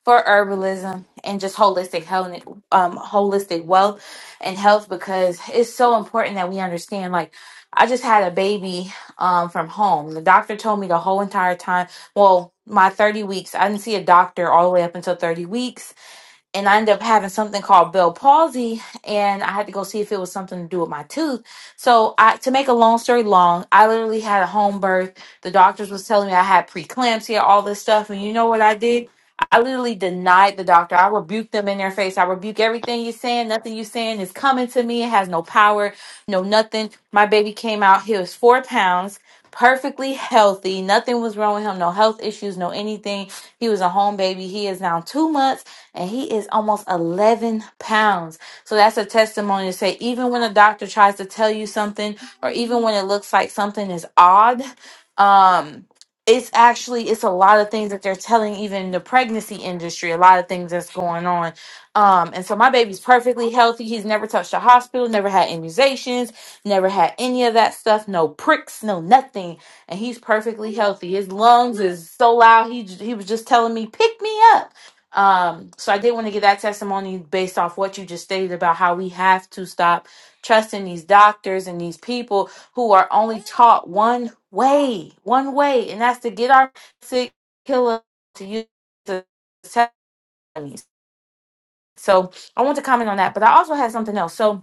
[SPEAKER 6] for herbalism and just holistic health, and um, holistic wealth and health because it's so important that we understand. Like, I just had a baby um, from home. The doctor told me the whole entire time. Well, my thirty weeks, I didn't see a doctor all the way up until thirty weeks and I ended up having something called Bell palsy, and I had to go see if it was something to do with my tooth. So, I to make a long story long, I literally had a home birth. The doctors was telling me I had preeclampsia, all this stuff, and you know what I did? I literally denied the doctor. I rebuked them in their face. I rebuke everything you're saying. Nothing you're saying is coming to me. It has no power, no nothing. My baby came out. He was four pounds, perfectly healthy. Nothing was wrong with him. No health issues, no anything. He was a home baby. He is now two months and he is almost 11 pounds. So that's a testimony to say, even when a doctor tries to tell you something, or even when it looks like something is odd, um, it's actually it's a lot of things that they're telling even in the pregnancy industry a lot of things that's going on um and so my baby's perfectly healthy he's never touched a hospital never had immunizations never had any of that stuff no pricks no nothing and he's perfectly healthy his lungs is so loud he j- he was just telling me pick me up um, so I did want to give that testimony based off what you just stated about how we have to stop trusting these doctors and these people who are only taught one way, one way, and that's to get our sick killer to use the testimonies. So I want to comment on that, but I also had something else. So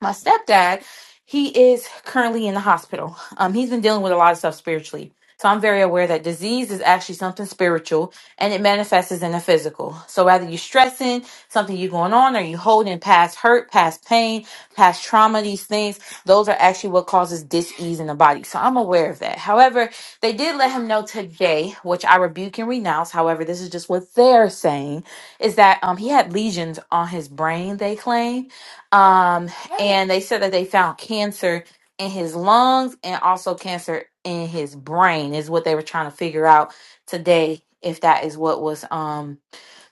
[SPEAKER 6] my stepdad, he is currently in the hospital. Um, he's been dealing with a lot of stuff spiritually. So I'm very aware that disease is actually something spiritual and it manifests as in the physical. So whether you're stressing, something you're going on, or you holding past hurt, past pain, past trauma, these things, those are actually what causes dis-ease in the body. So I'm aware of that. However, they did let him know today, which I rebuke and renounce. However, this is just what they're saying, is that um, he had lesions on his brain, they claim. Um, and they said that they found cancer in his lungs and also cancer in his brain is what they were trying to figure out today if that is what was um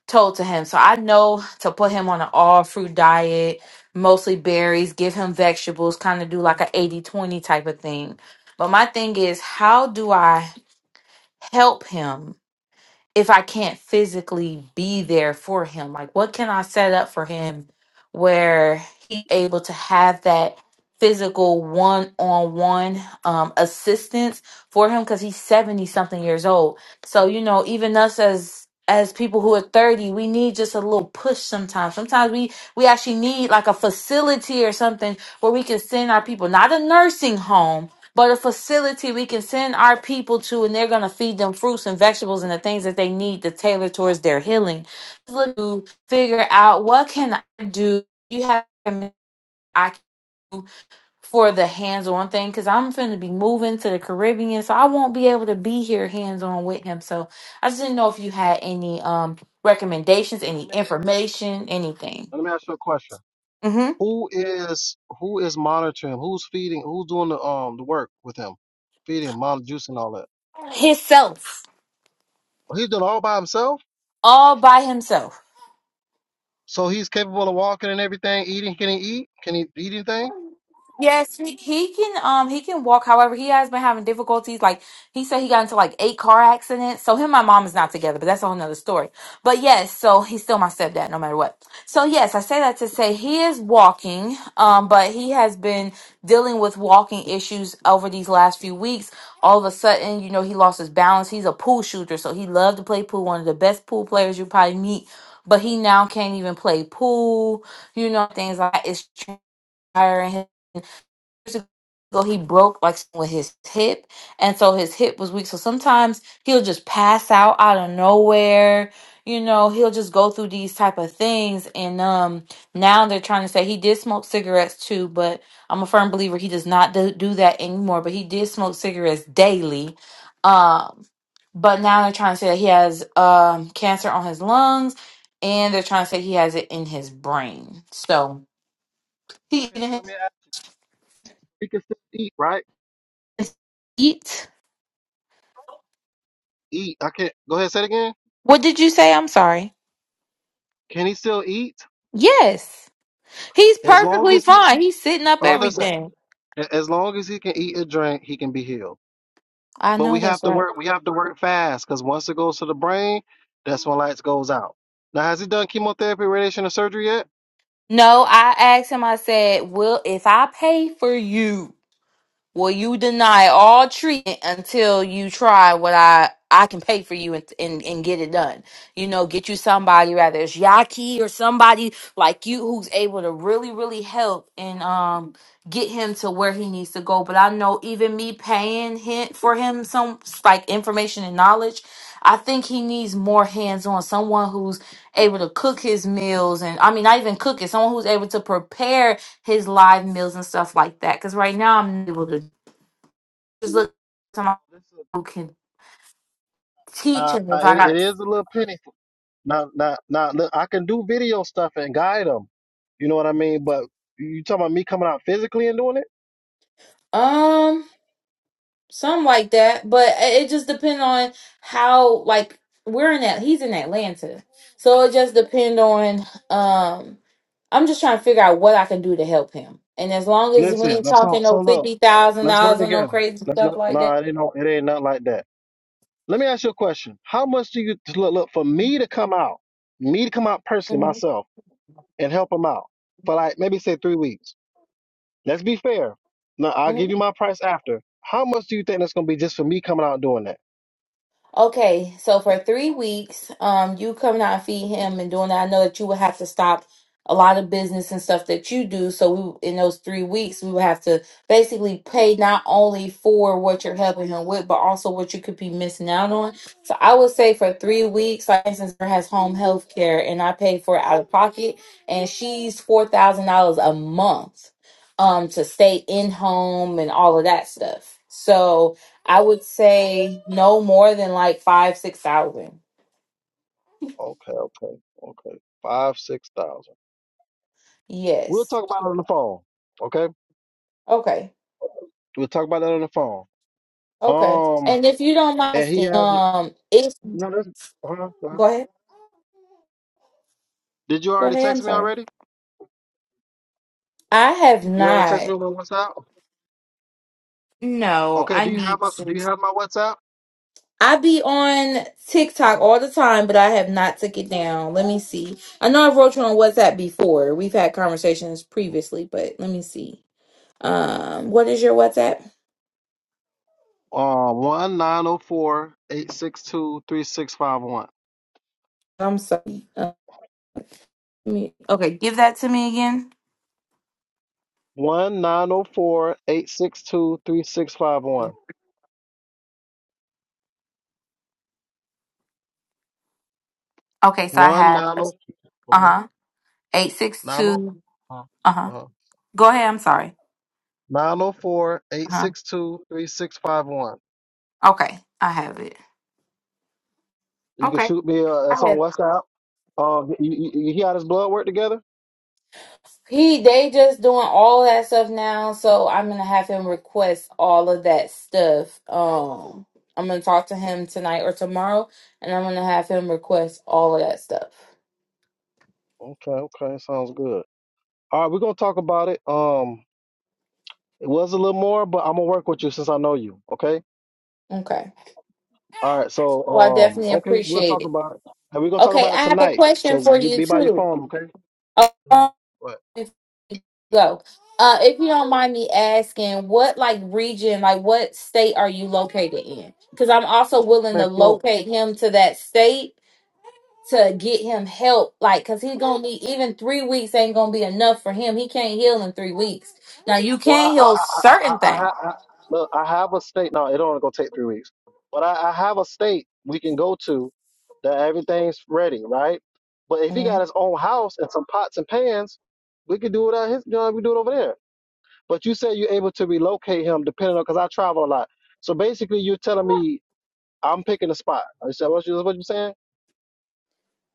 [SPEAKER 6] told to him so i know to put him on an all fruit diet mostly berries give him vegetables kind of do like a eighty twenty type of thing but my thing is how do i help him if I can't physically be there for him? Like, what can I set up for him where he's able to have that physical one on one um assistance for him? Because he's 70 something years old. So, you know, even us as as people who are 30 we need just a little push sometimes sometimes we we actually need like a facility or something where we can send our people not a nursing home but a facility we can send our people to and they're going to feed them fruits and vegetables and the things that they need to tailor towards their healing to figure out what can i do you have i can do for the hands-on thing because i'm finna be moving to the caribbean so i won't be able to be here hands-on with him so i just didn't know if you had any um recommendations any
[SPEAKER 1] Let me,
[SPEAKER 6] information anything
[SPEAKER 1] let me ask you a question.
[SPEAKER 6] mm-hmm.
[SPEAKER 1] Who is who is monitoring? him? Who's feeding? Who's doing the um the work with him? Feeding, mom, juice, all that.
[SPEAKER 6] himself
[SPEAKER 1] Well, he's doing all by himself.
[SPEAKER 6] all by himself
[SPEAKER 1] So he's capable of walking and everything, eating. Can he eat? Can he eat anything?
[SPEAKER 6] Yes, he, he can um he can walk. However, he has been having difficulties. Like he said, he got into like eight car accidents. So him and my mom is not together, but that's a whole nother story. But yes, so he's still my stepdad, no matter what. So yes, I say that to say he is walking, um, but he has been dealing with walking issues over these last few weeks. All of a sudden, you know, he lost his balance. He's a pool shooter, so he loved to play pool. One of the best pool players you probably meet. But he now can't even play pool, you know, things like that. It's tiring years ago he broke like with his hip and so his hip was weak so sometimes he'll just pass out out of nowhere you know he'll just go through these type of things and um now they're trying to say he did smoke cigarettes too but i'm a firm believer he does not do, do that anymore but he did smoke cigarettes daily um but now they're trying to say that he has um cancer on his lungs and they're trying to say he has it in his brain so he
[SPEAKER 1] Okay, so let me ask. He can still eat, right?
[SPEAKER 6] eat
[SPEAKER 1] Eat. I can't. Go ahead. Say it again.
[SPEAKER 6] What did you say? I'm sorry.
[SPEAKER 1] Can he still eat?
[SPEAKER 6] Yes. He's
[SPEAKER 1] As long
[SPEAKER 6] perfectly
[SPEAKER 1] as he,
[SPEAKER 6] fine. He's sitting up
[SPEAKER 1] oh, listen.
[SPEAKER 6] everything.
[SPEAKER 1] a- As long as he can eat and drink, he can be healed.
[SPEAKER 6] I
[SPEAKER 1] But we
[SPEAKER 6] know
[SPEAKER 1] have
[SPEAKER 6] that's
[SPEAKER 1] to
[SPEAKER 6] right.
[SPEAKER 1] work. We have to work fast because once it goes to the brain, that's when lights goes out. Now, has he done chemotherapy, radiation, or surgery yet?
[SPEAKER 6] No, I asked him, I said, Will if I pay for you? Will you deny all treatment until you try what I I can pay for you and, and, and get it done? You know, get you somebody, rather it's Yaki or somebody like you who's able to really, really help and um get him to where he needs to go. But I know even me paying him for him some like information and knowledge, I think he needs more hands on someone who's able to cook his meals and I mean not even cook it, someone who's able to prepare his live meals and stuff like that. Because right now I'm able to just look to someone
[SPEAKER 1] This is,
[SPEAKER 6] who can teach
[SPEAKER 1] uh,
[SPEAKER 6] him if
[SPEAKER 1] uh,
[SPEAKER 6] I
[SPEAKER 1] it, it
[SPEAKER 6] got.
[SPEAKER 1] is a little pitiful. Now, now, now, look, I can do video stuff and guide them. You know what I mean? But you talking about me coming out physically and doing it?
[SPEAKER 6] Um, something like that. But it it just depends on how like we're in that he's in Atlanta. So it just depends on um I'm just trying to figure out what I can do to help him. And as long as we
[SPEAKER 1] Listen,
[SPEAKER 6] ain't
[SPEAKER 1] so
[SPEAKER 6] talking no
[SPEAKER 1] so look,
[SPEAKER 6] fifty thousand
[SPEAKER 1] let's work
[SPEAKER 6] dollars or no
[SPEAKER 1] together.
[SPEAKER 6] crazy
[SPEAKER 1] Let's
[SPEAKER 6] stuff
[SPEAKER 1] not.
[SPEAKER 6] like
[SPEAKER 1] No,
[SPEAKER 6] that.
[SPEAKER 1] it ain't no, it ain't nothing like that. Let me ask you a question. How much do you look, look for me to come out, me to come out personally
[SPEAKER 6] hmm
[SPEAKER 1] myself and help him out for like maybe say three weeks? Let's be fair. Now I'll give you my price after. How much do you think that's gonna be just for me coming out and doing that?
[SPEAKER 6] Okay, so for three weeks, um, you coming out and feed him and doing that. I know that you would have to stop a lot of business and stuff that you do. So we, in those three weeks, we would have to basically pay not only for what you're helping him with, but also what you could be missing out on. So I would say for three weeks, like for instance, her has home health care, and I pay for it out of pocket, and she's four thousand dollars a month, um, to stay in home and all of that stuff. So I would say no more than like five, six thousand.
[SPEAKER 1] Okay, okay, okay. Five, six thousand. We'll
[SPEAKER 6] Yes.
[SPEAKER 1] talk about it on the phone. Okay,
[SPEAKER 6] Okay.
[SPEAKER 1] we'll talk about that on the phone.
[SPEAKER 6] Okay.
[SPEAKER 1] Um,
[SPEAKER 6] And if you don't mind
[SPEAKER 1] and he
[SPEAKER 6] asking,
[SPEAKER 1] hasn't.
[SPEAKER 6] um, if
[SPEAKER 1] No, that's. Hold on, hold
[SPEAKER 6] go
[SPEAKER 1] on.
[SPEAKER 6] ahead,
[SPEAKER 1] Did you
[SPEAKER 6] go
[SPEAKER 1] already
[SPEAKER 6] ahead. I'm
[SPEAKER 1] text me
[SPEAKER 6] sorry.
[SPEAKER 1] already?
[SPEAKER 6] I have
[SPEAKER 1] You already text
[SPEAKER 6] not.
[SPEAKER 1] me on my WhatsApp.
[SPEAKER 6] No,
[SPEAKER 1] Okay.
[SPEAKER 6] I
[SPEAKER 1] Do you have
[SPEAKER 6] need
[SPEAKER 1] my Do
[SPEAKER 6] to.
[SPEAKER 1] you have my WhatsApp?
[SPEAKER 6] I be on TikTok all the time, but I have not took it down. Let me see. I know I wrote you on WhatsApp before. We've had conversations previously, but let me see. Um, what is your WhatsApp?
[SPEAKER 1] Uh, one nine zero four eight six two three six five one.
[SPEAKER 6] I'm sorry. Uh, let me- okay, give that to me again.
[SPEAKER 1] One nine zero four eight six two three six five one.
[SPEAKER 6] Okay, so I
[SPEAKER 1] One nine
[SPEAKER 6] have.
[SPEAKER 1] zero
[SPEAKER 6] Uh
[SPEAKER 1] four
[SPEAKER 6] huh. Eight six
[SPEAKER 1] nine zero
[SPEAKER 6] two. Uh huh. Go ahead. I'm sorry.
[SPEAKER 1] nine zero four eight
[SPEAKER 6] Uh huh.
[SPEAKER 1] six two three six five one.
[SPEAKER 6] Okay, I have it.
[SPEAKER 1] You can
[SPEAKER 6] Okay,
[SPEAKER 1] shoot me. Uh, that's
[SPEAKER 6] I
[SPEAKER 1] on
[SPEAKER 6] have.
[SPEAKER 1] WhatsApp. Uh, you, you, you hear how this blood work together?
[SPEAKER 6] He they just doing all that stuff now, so I'm gonna have him request all of that stuff. Um, I'm gonna talk to him tonight or tomorrow, and I'm gonna have him request all of that stuff.
[SPEAKER 1] Okay, okay, sounds good. All right, we're gonna talk about it. Um, it was a little more, but I'm gonna work with you since I know you. Okay.
[SPEAKER 6] Okay.
[SPEAKER 1] All right, so
[SPEAKER 6] Well, I
[SPEAKER 1] um,
[SPEAKER 6] definitely
[SPEAKER 1] okay, we'll
[SPEAKER 6] appreciate
[SPEAKER 1] talk
[SPEAKER 6] it.
[SPEAKER 1] about it, and we're gonna talk
[SPEAKER 6] Okay,
[SPEAKER 1] about it
[SPEAKER 6] I have a
[SPEAKER 1] tonight.
[SPEAKER 6] question
[SPEAKER 1] So
[SPEAKER 6] for
[SPEAKER 1] you
[SPEAKER 6] you
[SPEAKER 1] be by your
[SPEAKER 6] too.
[SPEAKER 1] phone, okay?
[SPEAKER 6] Um,
[SPEAKER 1] Alright, What?
[SPEAKER 6] before we go. Uh, if you don't mind me asking, what like region, like what state are you located in? Because I'm also willing to
[SPEAKER 1] Man, so-
[SPEAKER 6] locate him to that state to get him help. Like, cause he's gonna need even three weeks ain't gonna be enough for him. He can't heal in three weeks. Now you
[SPEAKER 1] well,
[SPEAKER 6] can
[SPEAKER 1] I, I,
[SPEAKER 6] heal
[SPEAKER 1] I, I,
[SPEAKER 6] certain
[SPEAKER 1] I, I,
[SPEAKER 6] things.
[SPEAKER 1] I, I- look, I have a state. No, it only gonna take three weeks, but I, I have a state we can go to that everything's ready, right? But if he got his own house and some pots and pans, we could do it at his. You know, we do it over there. But you said you're able to relocate him depending on because I travel a lot. So basically, you're telling me I'm picking a spot. I said, what you what you saying?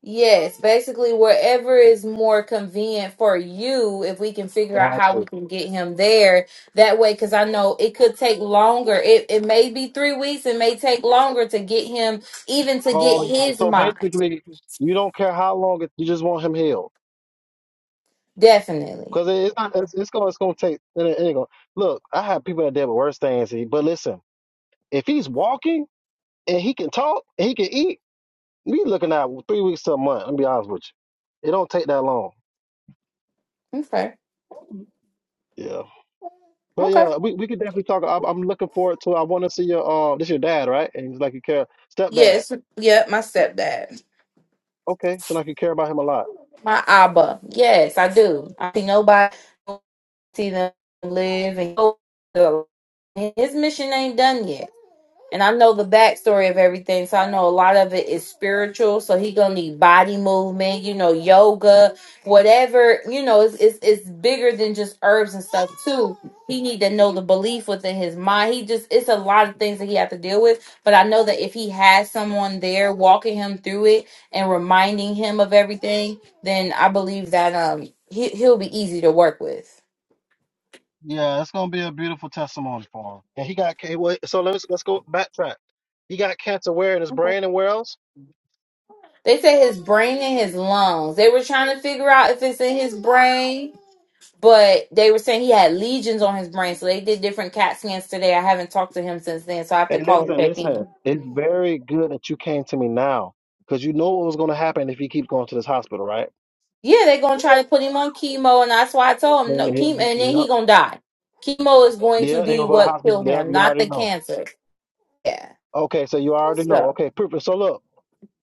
[SPEAKER 6] Yes, basically wherever is more convenient for you, if we can figure out how we
[SPEAKER 1] Gotcha.
[SPEAKER 6] can get him there that way, because I know it could take longer. It it may be three weeks, it may take longer to get him, even to get
[SPEAKER 1] Oh, yeah.
[SPEAKER 6] his
[SPEAKER 1] so
[SPEAKER 6] mind.
[SPEAKER 1] basically, you don't care how long it, you just want him healed
[SPEAKER 6] Definitely.
[SPEAKER 1] because it's not. It's, it's gonna. It's gonna take. It, ain't- it ain't gonna, look, I have people that deal with worse things. he- But listen, if he's walking and he can talk and he can eat, we looking at three weeks to a month. Let me be honest with you. It don't take that long.
[SPEAKER 6] Okay.
[SPEAKER 1] Yeah. But
[SPEAKER 6] Okay.
[SPEAKER 1] yeah, we, we could definitely talk. I'm, I'm looking forward to. I want to see your um. This your dad, right? And he's like you care stepdad.
[SPEAKER 6] Yes, Yep. my stepdad.
[SPEAKER 1] Okay, so like you care about him a lot.
[SPEAKER 6] My Abba. Yes, I do. I see nobody. see them live and go. His mission ain't done yet. And I know the backstory of everything, so I know a lot of it is spiritual. So he gonna need body movement, you know, yoga, whatever. You know, it's it's, it's bigger than just herbs and stuff too. He need to know the belief within his mind. He just it's a lot of things that he have to deal with. But I know that if he has someone there walking him through it and reminding him of everything, then I believe that um he he'll be easy to work with.
[SPEAKER 1] Yeah, it's gonna be a beautiful testimony for him. And he got okay, wait, so let's let's go backtrack. He got cancer where in his brain and where else?
[SPEAKER 6] They said his brain and his lungs. They were trying to figure out if it's in his brain, but they were saying he had lesions on his brain. So they did different CAT scans today. I haven't talked to him since then, so I have to
[SPEAKER 1] Hey,
[SPEAKER 6] call him
[SPEAKER 1] listen,
[SPEAKER 6] check in.
[SPEAKER 1] listen. It's very good that you came to me now, because you know what was gonna happen if he keeps going to this hospital, right?
[SPEAKER 6] Yeah, they're gonna try to put him on chemo, and that's why I told him no chemo,
[SPEAKER 1] Mhm.
[SPEAKER 6] and then
[SPEAKER 1] Yep.
[SPEAKER 6] he gonna die. Chemo is going to
[SPEAKER 1] Yeah, he
[SPEAKER 6] be
[SPEAKER 1] gonna go to
[SPEAKER 6] what
[SPEAKER 1] hospital.
[SPEAKER 6] killed
[SPEAKER 1] Yep,
[SPEAKER 6] him,
[SPEAKER 1] you
[SPEAKER 6] not
[SPEAKER 1] already
[SPEAKER 6] the
[SPEAKER 1] know.
[SPEAKER 6] cancer. Yeah.
[SPEAKER 1] Okay, so you already know.
[SPEAKER 6] So.
[SPEAKER 1] Okay, perfect. So look,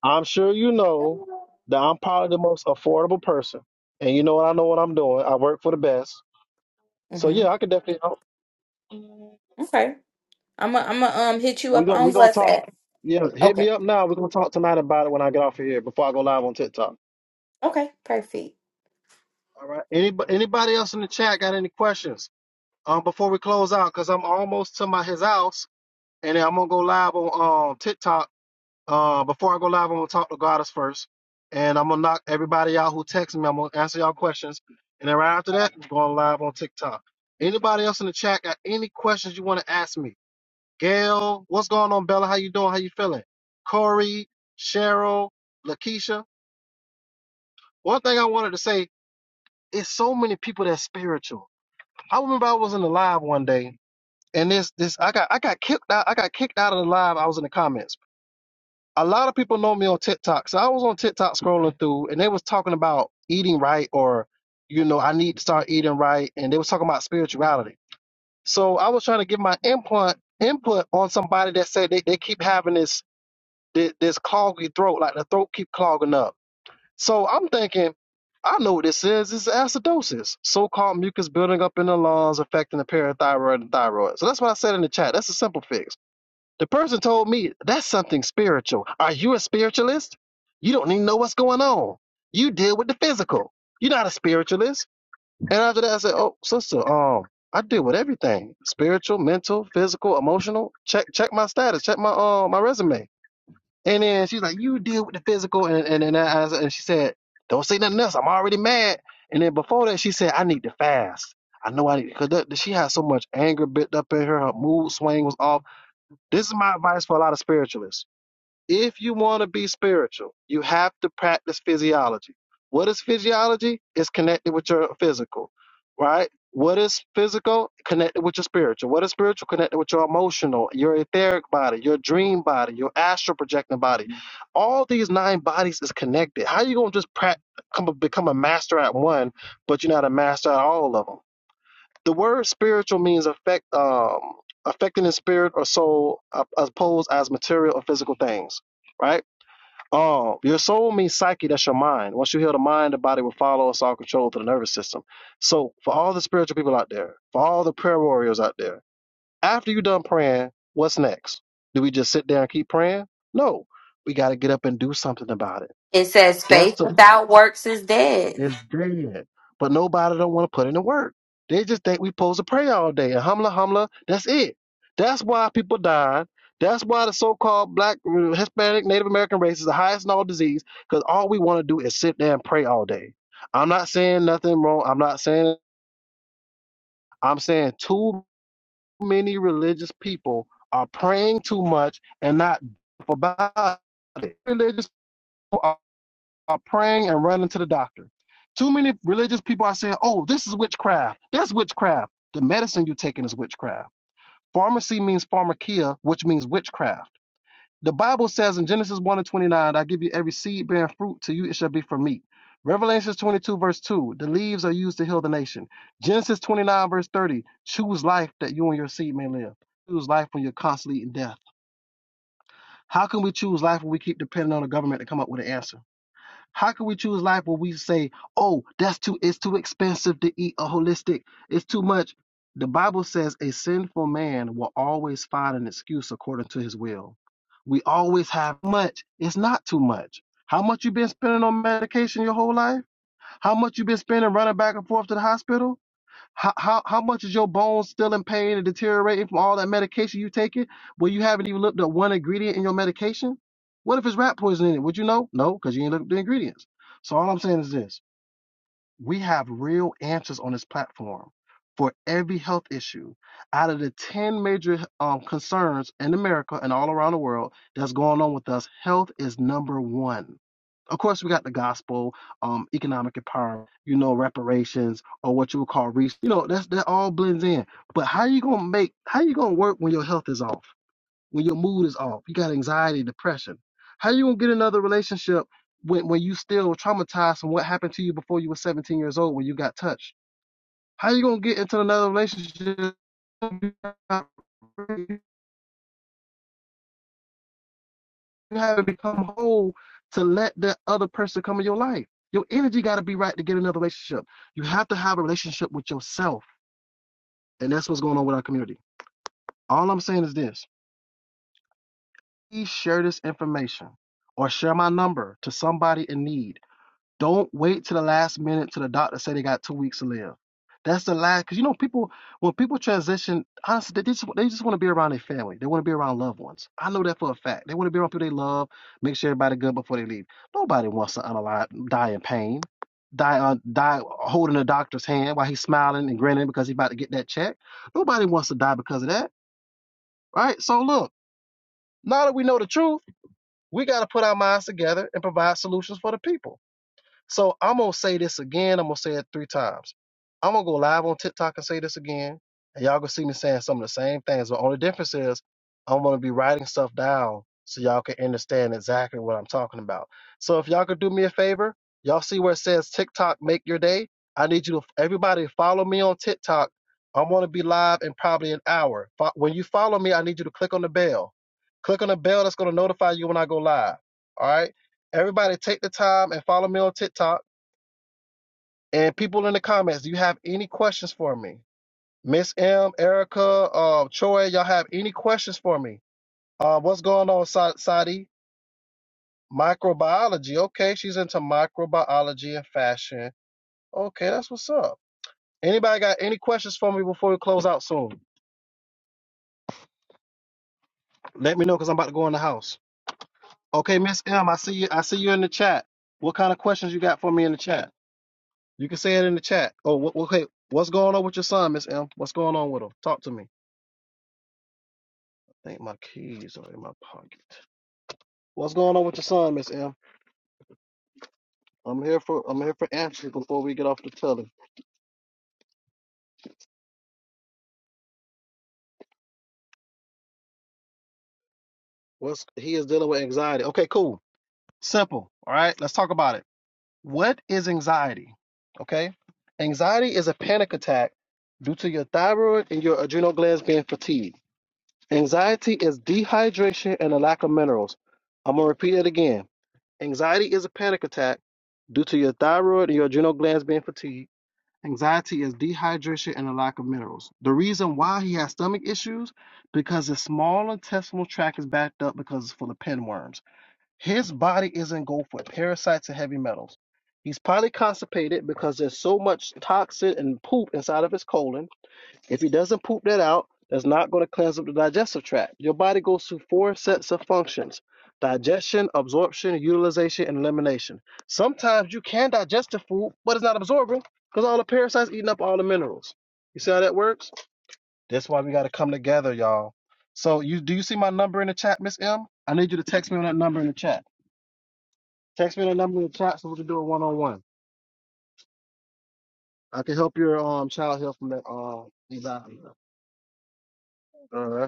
[SPEAKER 1] I'm sure you know that I'm probably the most affordable person, and you know what I know what I'm doing. I work for the best. So
[SPEAKER 6] hmm
[SPEAKER 1] yeah, I could definitely help.
[SPEAKER 6] Okay. I'm gonna I'm gonna um hit you
[SPEAKER 1] We
[SPEAKER 6] up
[SPEAKER 1] gonna we
[SPEAKER 6] on
[SPEAKER 1] gonna talk.
[SPEAKER 6] WhatsApp.
[SPEAKER 1] Yeah, hit
[SPEAKER 6] Okay.
[SPEAKER 1] me up now. We're gonna talk tonight about it when I get off of here before I go live on TikTok.
[SPEAKER 6] Okay. Perfect.
[SPEAKER 1] All right. Anybody anybody else in the chat got any questions? Um, before we close out, cause I'm almost to my his house, and then I'm gonna go live on um TikTok. Uh, before I go live, I'm gonna talk to Goddess first, and I'm gonna knock everybody out who texts me. I'm gonna answer y'all questions, and then right after that, I'm going live on TikTok. Anybody else in the chat got any questions you want to ask me? Gail, what's going on, Bella? How you doing? How you feeling? Corey, Cheryl, Lakeisha. One thing I wanted to say is so many people that's spiritual. I remember I was in the live one day, and this this I got I got kicked out I got kicked out of the live. I was in the comments. A lot of people know me on TikTok, so I was on TikTok scrolling through, and they was talking about eating right, or you know, I need to start eating right, and they was talking about spirituality. So I was trying to give my input input on somebody that said they, they keep having this thi- this cloggy throat, like the throat keep clogging up. So I'm thinking, I know what this is. It's acidosis, so-called mucus building up in the lungs, affecting the parathyroid and thyroid. So that's what I said in the chat. That's a simple fix. The person told me that's something spiritual. Are you a spiritualist? You don't even know what's going on. You deal with the physical. You're not a spiritualist. And after that, I said, "Oh, sister, um, I deal with everything: spiritual, mental, physical, emotional. Check, check my status. Check my uh, my resume." And then she's like, "You deal with the physical," and and and, I, I- and she said, "Don't say nothing else. I'm already mad." And then before that, she said, "I need to fast. I know I need because she had so much anger built up in her. Her mood swing was off." This is my advice for a lot of spiritualists if you want to be spiritual, you have to practice physiology. What is physiology? It's connected with your physical, right? What is physical? Connected with your spiritual. What is spiritual? Connected with your emotional, your etheric body, your dream body, your astral projecting body. All these nine bodies is connected. How you gonna just prac- come become a master at one, but you're not a master at all of them? the word spiritual means affect um affecting the spirit or soul uh, as opposed as material or physical things right um your soul means psyche that's your mind once you heal the mind the body will follow it's all controlled through the nervous system so for all the spiritual people out there for all the prayer warriors out there after you're done praying what's next do we just sit there and keep praying no we got to get up and do something about it
[SPEAKER 6] It says
[SPEAKER 1] that's
[SPEAKER 6] faith
[SPEAKER 1] the
[SPEAKER 6] without works is dead.
[SPEAKER 1] it's dead. But nobody don't want to put in the work. They just think we supposed to pray all day and humla humla. That's it. That's why people died. That's why the so-called black, uh, Hispanic, Native American race is the highest in all disease because all we want to do is sit there and pray all day. I'm not saying nothing wrong. I'm not saying. I'm saying too many religious people are praying too much and not about it. Religious people are are praying and running to the doctor. Too many religious people are saying, oh, this is witchcraft. That's witchcraft. The medicine you're taking is witchcraft. Pharmacy means pharmakia, which means witchcraft. The Bible says in Genesis 1 and 29, I give you every seed bearing fruit, to you it shall be for meat. Revelations 22, verse 2, the leaves are used to heal the nation. Genesis 29, verse 30, choose life that you and your seed may live. Choose life when you're constantly eating death. How can we choose life when we keep depending on the government to come up with an answer? How can we choose life when we say, "Oh, that's too it's too expensive to eat a holistic. It's too much." The Bible says a sinful man will always find an excuse according to his will. We always have much. It's not too much. How much you been spending on medication your whole life? How much you been spending running back and forth to the hospital? How, how how much is your bones still in pain and deteriorating from all that medication you taking? Well, you haven't even looked up one ingredient in your medication. What if it's rat poison in it? Would you know? No, because you ain't looked up the ingredients. So all I'm saying is this: we have real answers on this platform for every health issue. Out of the ten major um, concerns in America and all around the world that's going on with us, health is number one. Of course, we got the gospel, um, economic empowerment, you know, reparations, or what you would call re You know, that's that all blends in. But how you gonna make? How you gonna work when your health is off? When your mood is off? You got anxiety, depression. How you gonna get another relationship when when you still traumatized from what happened to you before you were 17 years old when you got touched? How you gonna get into another relationship? You got to become whole to let that other person come in your life. Your energy got to be right to get another relationship. You have to have a relationship with yourself. And that's what's going on with our community. All I'm saying is this please share this information or share my number to somebody in need. Don't wait to the last minute till the doctor say they got two weeks to live. That's the last, because you know people when people transition, honestly, they just they just want to be around their family. They want to be around loved ones. I know that for a fact. They want to be around people they love, make sure everybody good before they leave. Nobody wants to unalive, die in pain, die uh, die holding a doctor's hand while he's smiling and grinning because he's about to get that check. Nobody wants to die because of that, right? So look, now that we know the truth, we got to put our minds together and provide solutions for the people. So I'm gonna say this again. I'm gonna say it three times. I'm gonna go live on TikTok and say this again, and y'all gonna see me saying some of the same things. The only difference is I'm gonna be writing stuff down so y'all can understand exactly what I'm talking about. So if y'all could do me a favor, y'all see where it says TikTok make your day. I need you to everybody follow me on TikTok. I'm gonna be live in probably an hour. When you follow me, I need you to click on the bell. Click on the bell that's gonna notify you when I go live. All right. Everybody take the time and follow me on TikTok. And people in the comments, do you have any questions for me? Miss M, Erica, uh, Troy, y'all have any questions for me? Uh, what's going on, Sa- Sadi? Microbiology. Okay, she's into microbiology and fashion. Okay, that's what's up. Anybody got any questions for me before we close out soon? Let me know because I'm about to go in the house. Okay, Miss M, I see you. I see you in the chat. What kind of questions you got for me in the chat? You can say it in the chat. Oh, wh- wh- Hey, What's going on with your son, Miss M? What's going on with him? Talk to me. I think my keys are in my pocket. What's going on with your son, Miss M? I'm here for I'm here for answers before we get off the telly. What's he is dealing with anxiety. Okay, cool. Simple. All right, let's talk about it. What is anxiety? Okay. Anxiety is a panic attack due to your thyroid and your adrenal glands being fatigued. Anxiety is dehydration and a lack of minerals. I'm gonna repeat it again. Anxiety is a panic attack due to your thyroid and your adrenal glands being fatigued. Anxiety is dehydration and a lack of minerals. The reason why he has stomach issues because his small intestinal tract is backed up because it's full of pinworms. His body is engulfed with parasites and heavy metals. He's probably constipated because there's so much toxin and poop inside of his colon if he doesn't poop that out, that's not going to cleanse up the digestive tract. Your body goes through four sets of functions digestion, absorption, utilization, and elimination. Sometimes you can digest the food, but it's not absorbing because all the parasites eating up all the minerals. You see how that works? That's why we got to come together, y'all. So, you do you see my number in the chat, Miss M? I need you to text me on that number in the chat. Text me on that number in the chat so we can do a one on one. I can help your um child heal from that um anxiety. All right.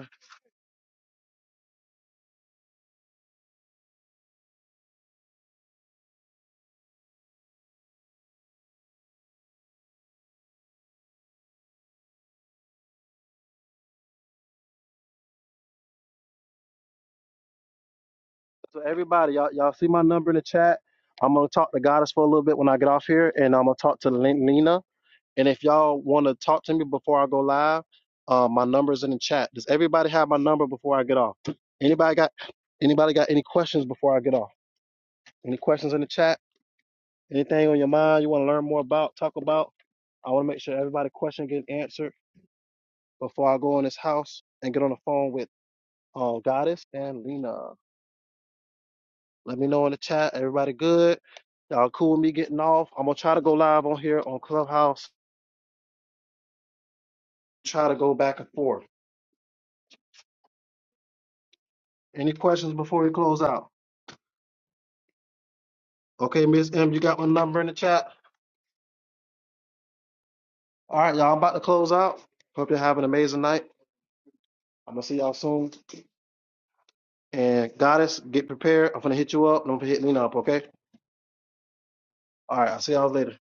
[SPEAKER 1] So everybody, y'all, y'all see my number in the chat. I'm gonna talk to Goddess for a little bit when I get off here, and I'm gonna talk to Lin- Lena. And if y'all want to talk to me before I go live, uh, my number's in the chat. Does everybody have my number before I get off? Anybody got anybody got any questions before I get off? Any questions in the chat? Anything on your mind you want to learn more about? Talk about. I want to make sure everybody question get answered before I go in this house and get on the phone with uh, Goddess and Lena. Let me know in the chat. Everybody good? Y'all cool with me getting off? I'm gonna try to go live on here on Clubhouse. Try to go back and forth. Any questions before we close out? Okay, Miss M, you got my number in the chat. All right, y'all. I'm about to close out. Hope you have an amazing night. I'm gonna see y'all soon. And Goddess, get prepared. I'm gonna hit you up. Don't hit me up. Okay. All right. I'll see y'all later.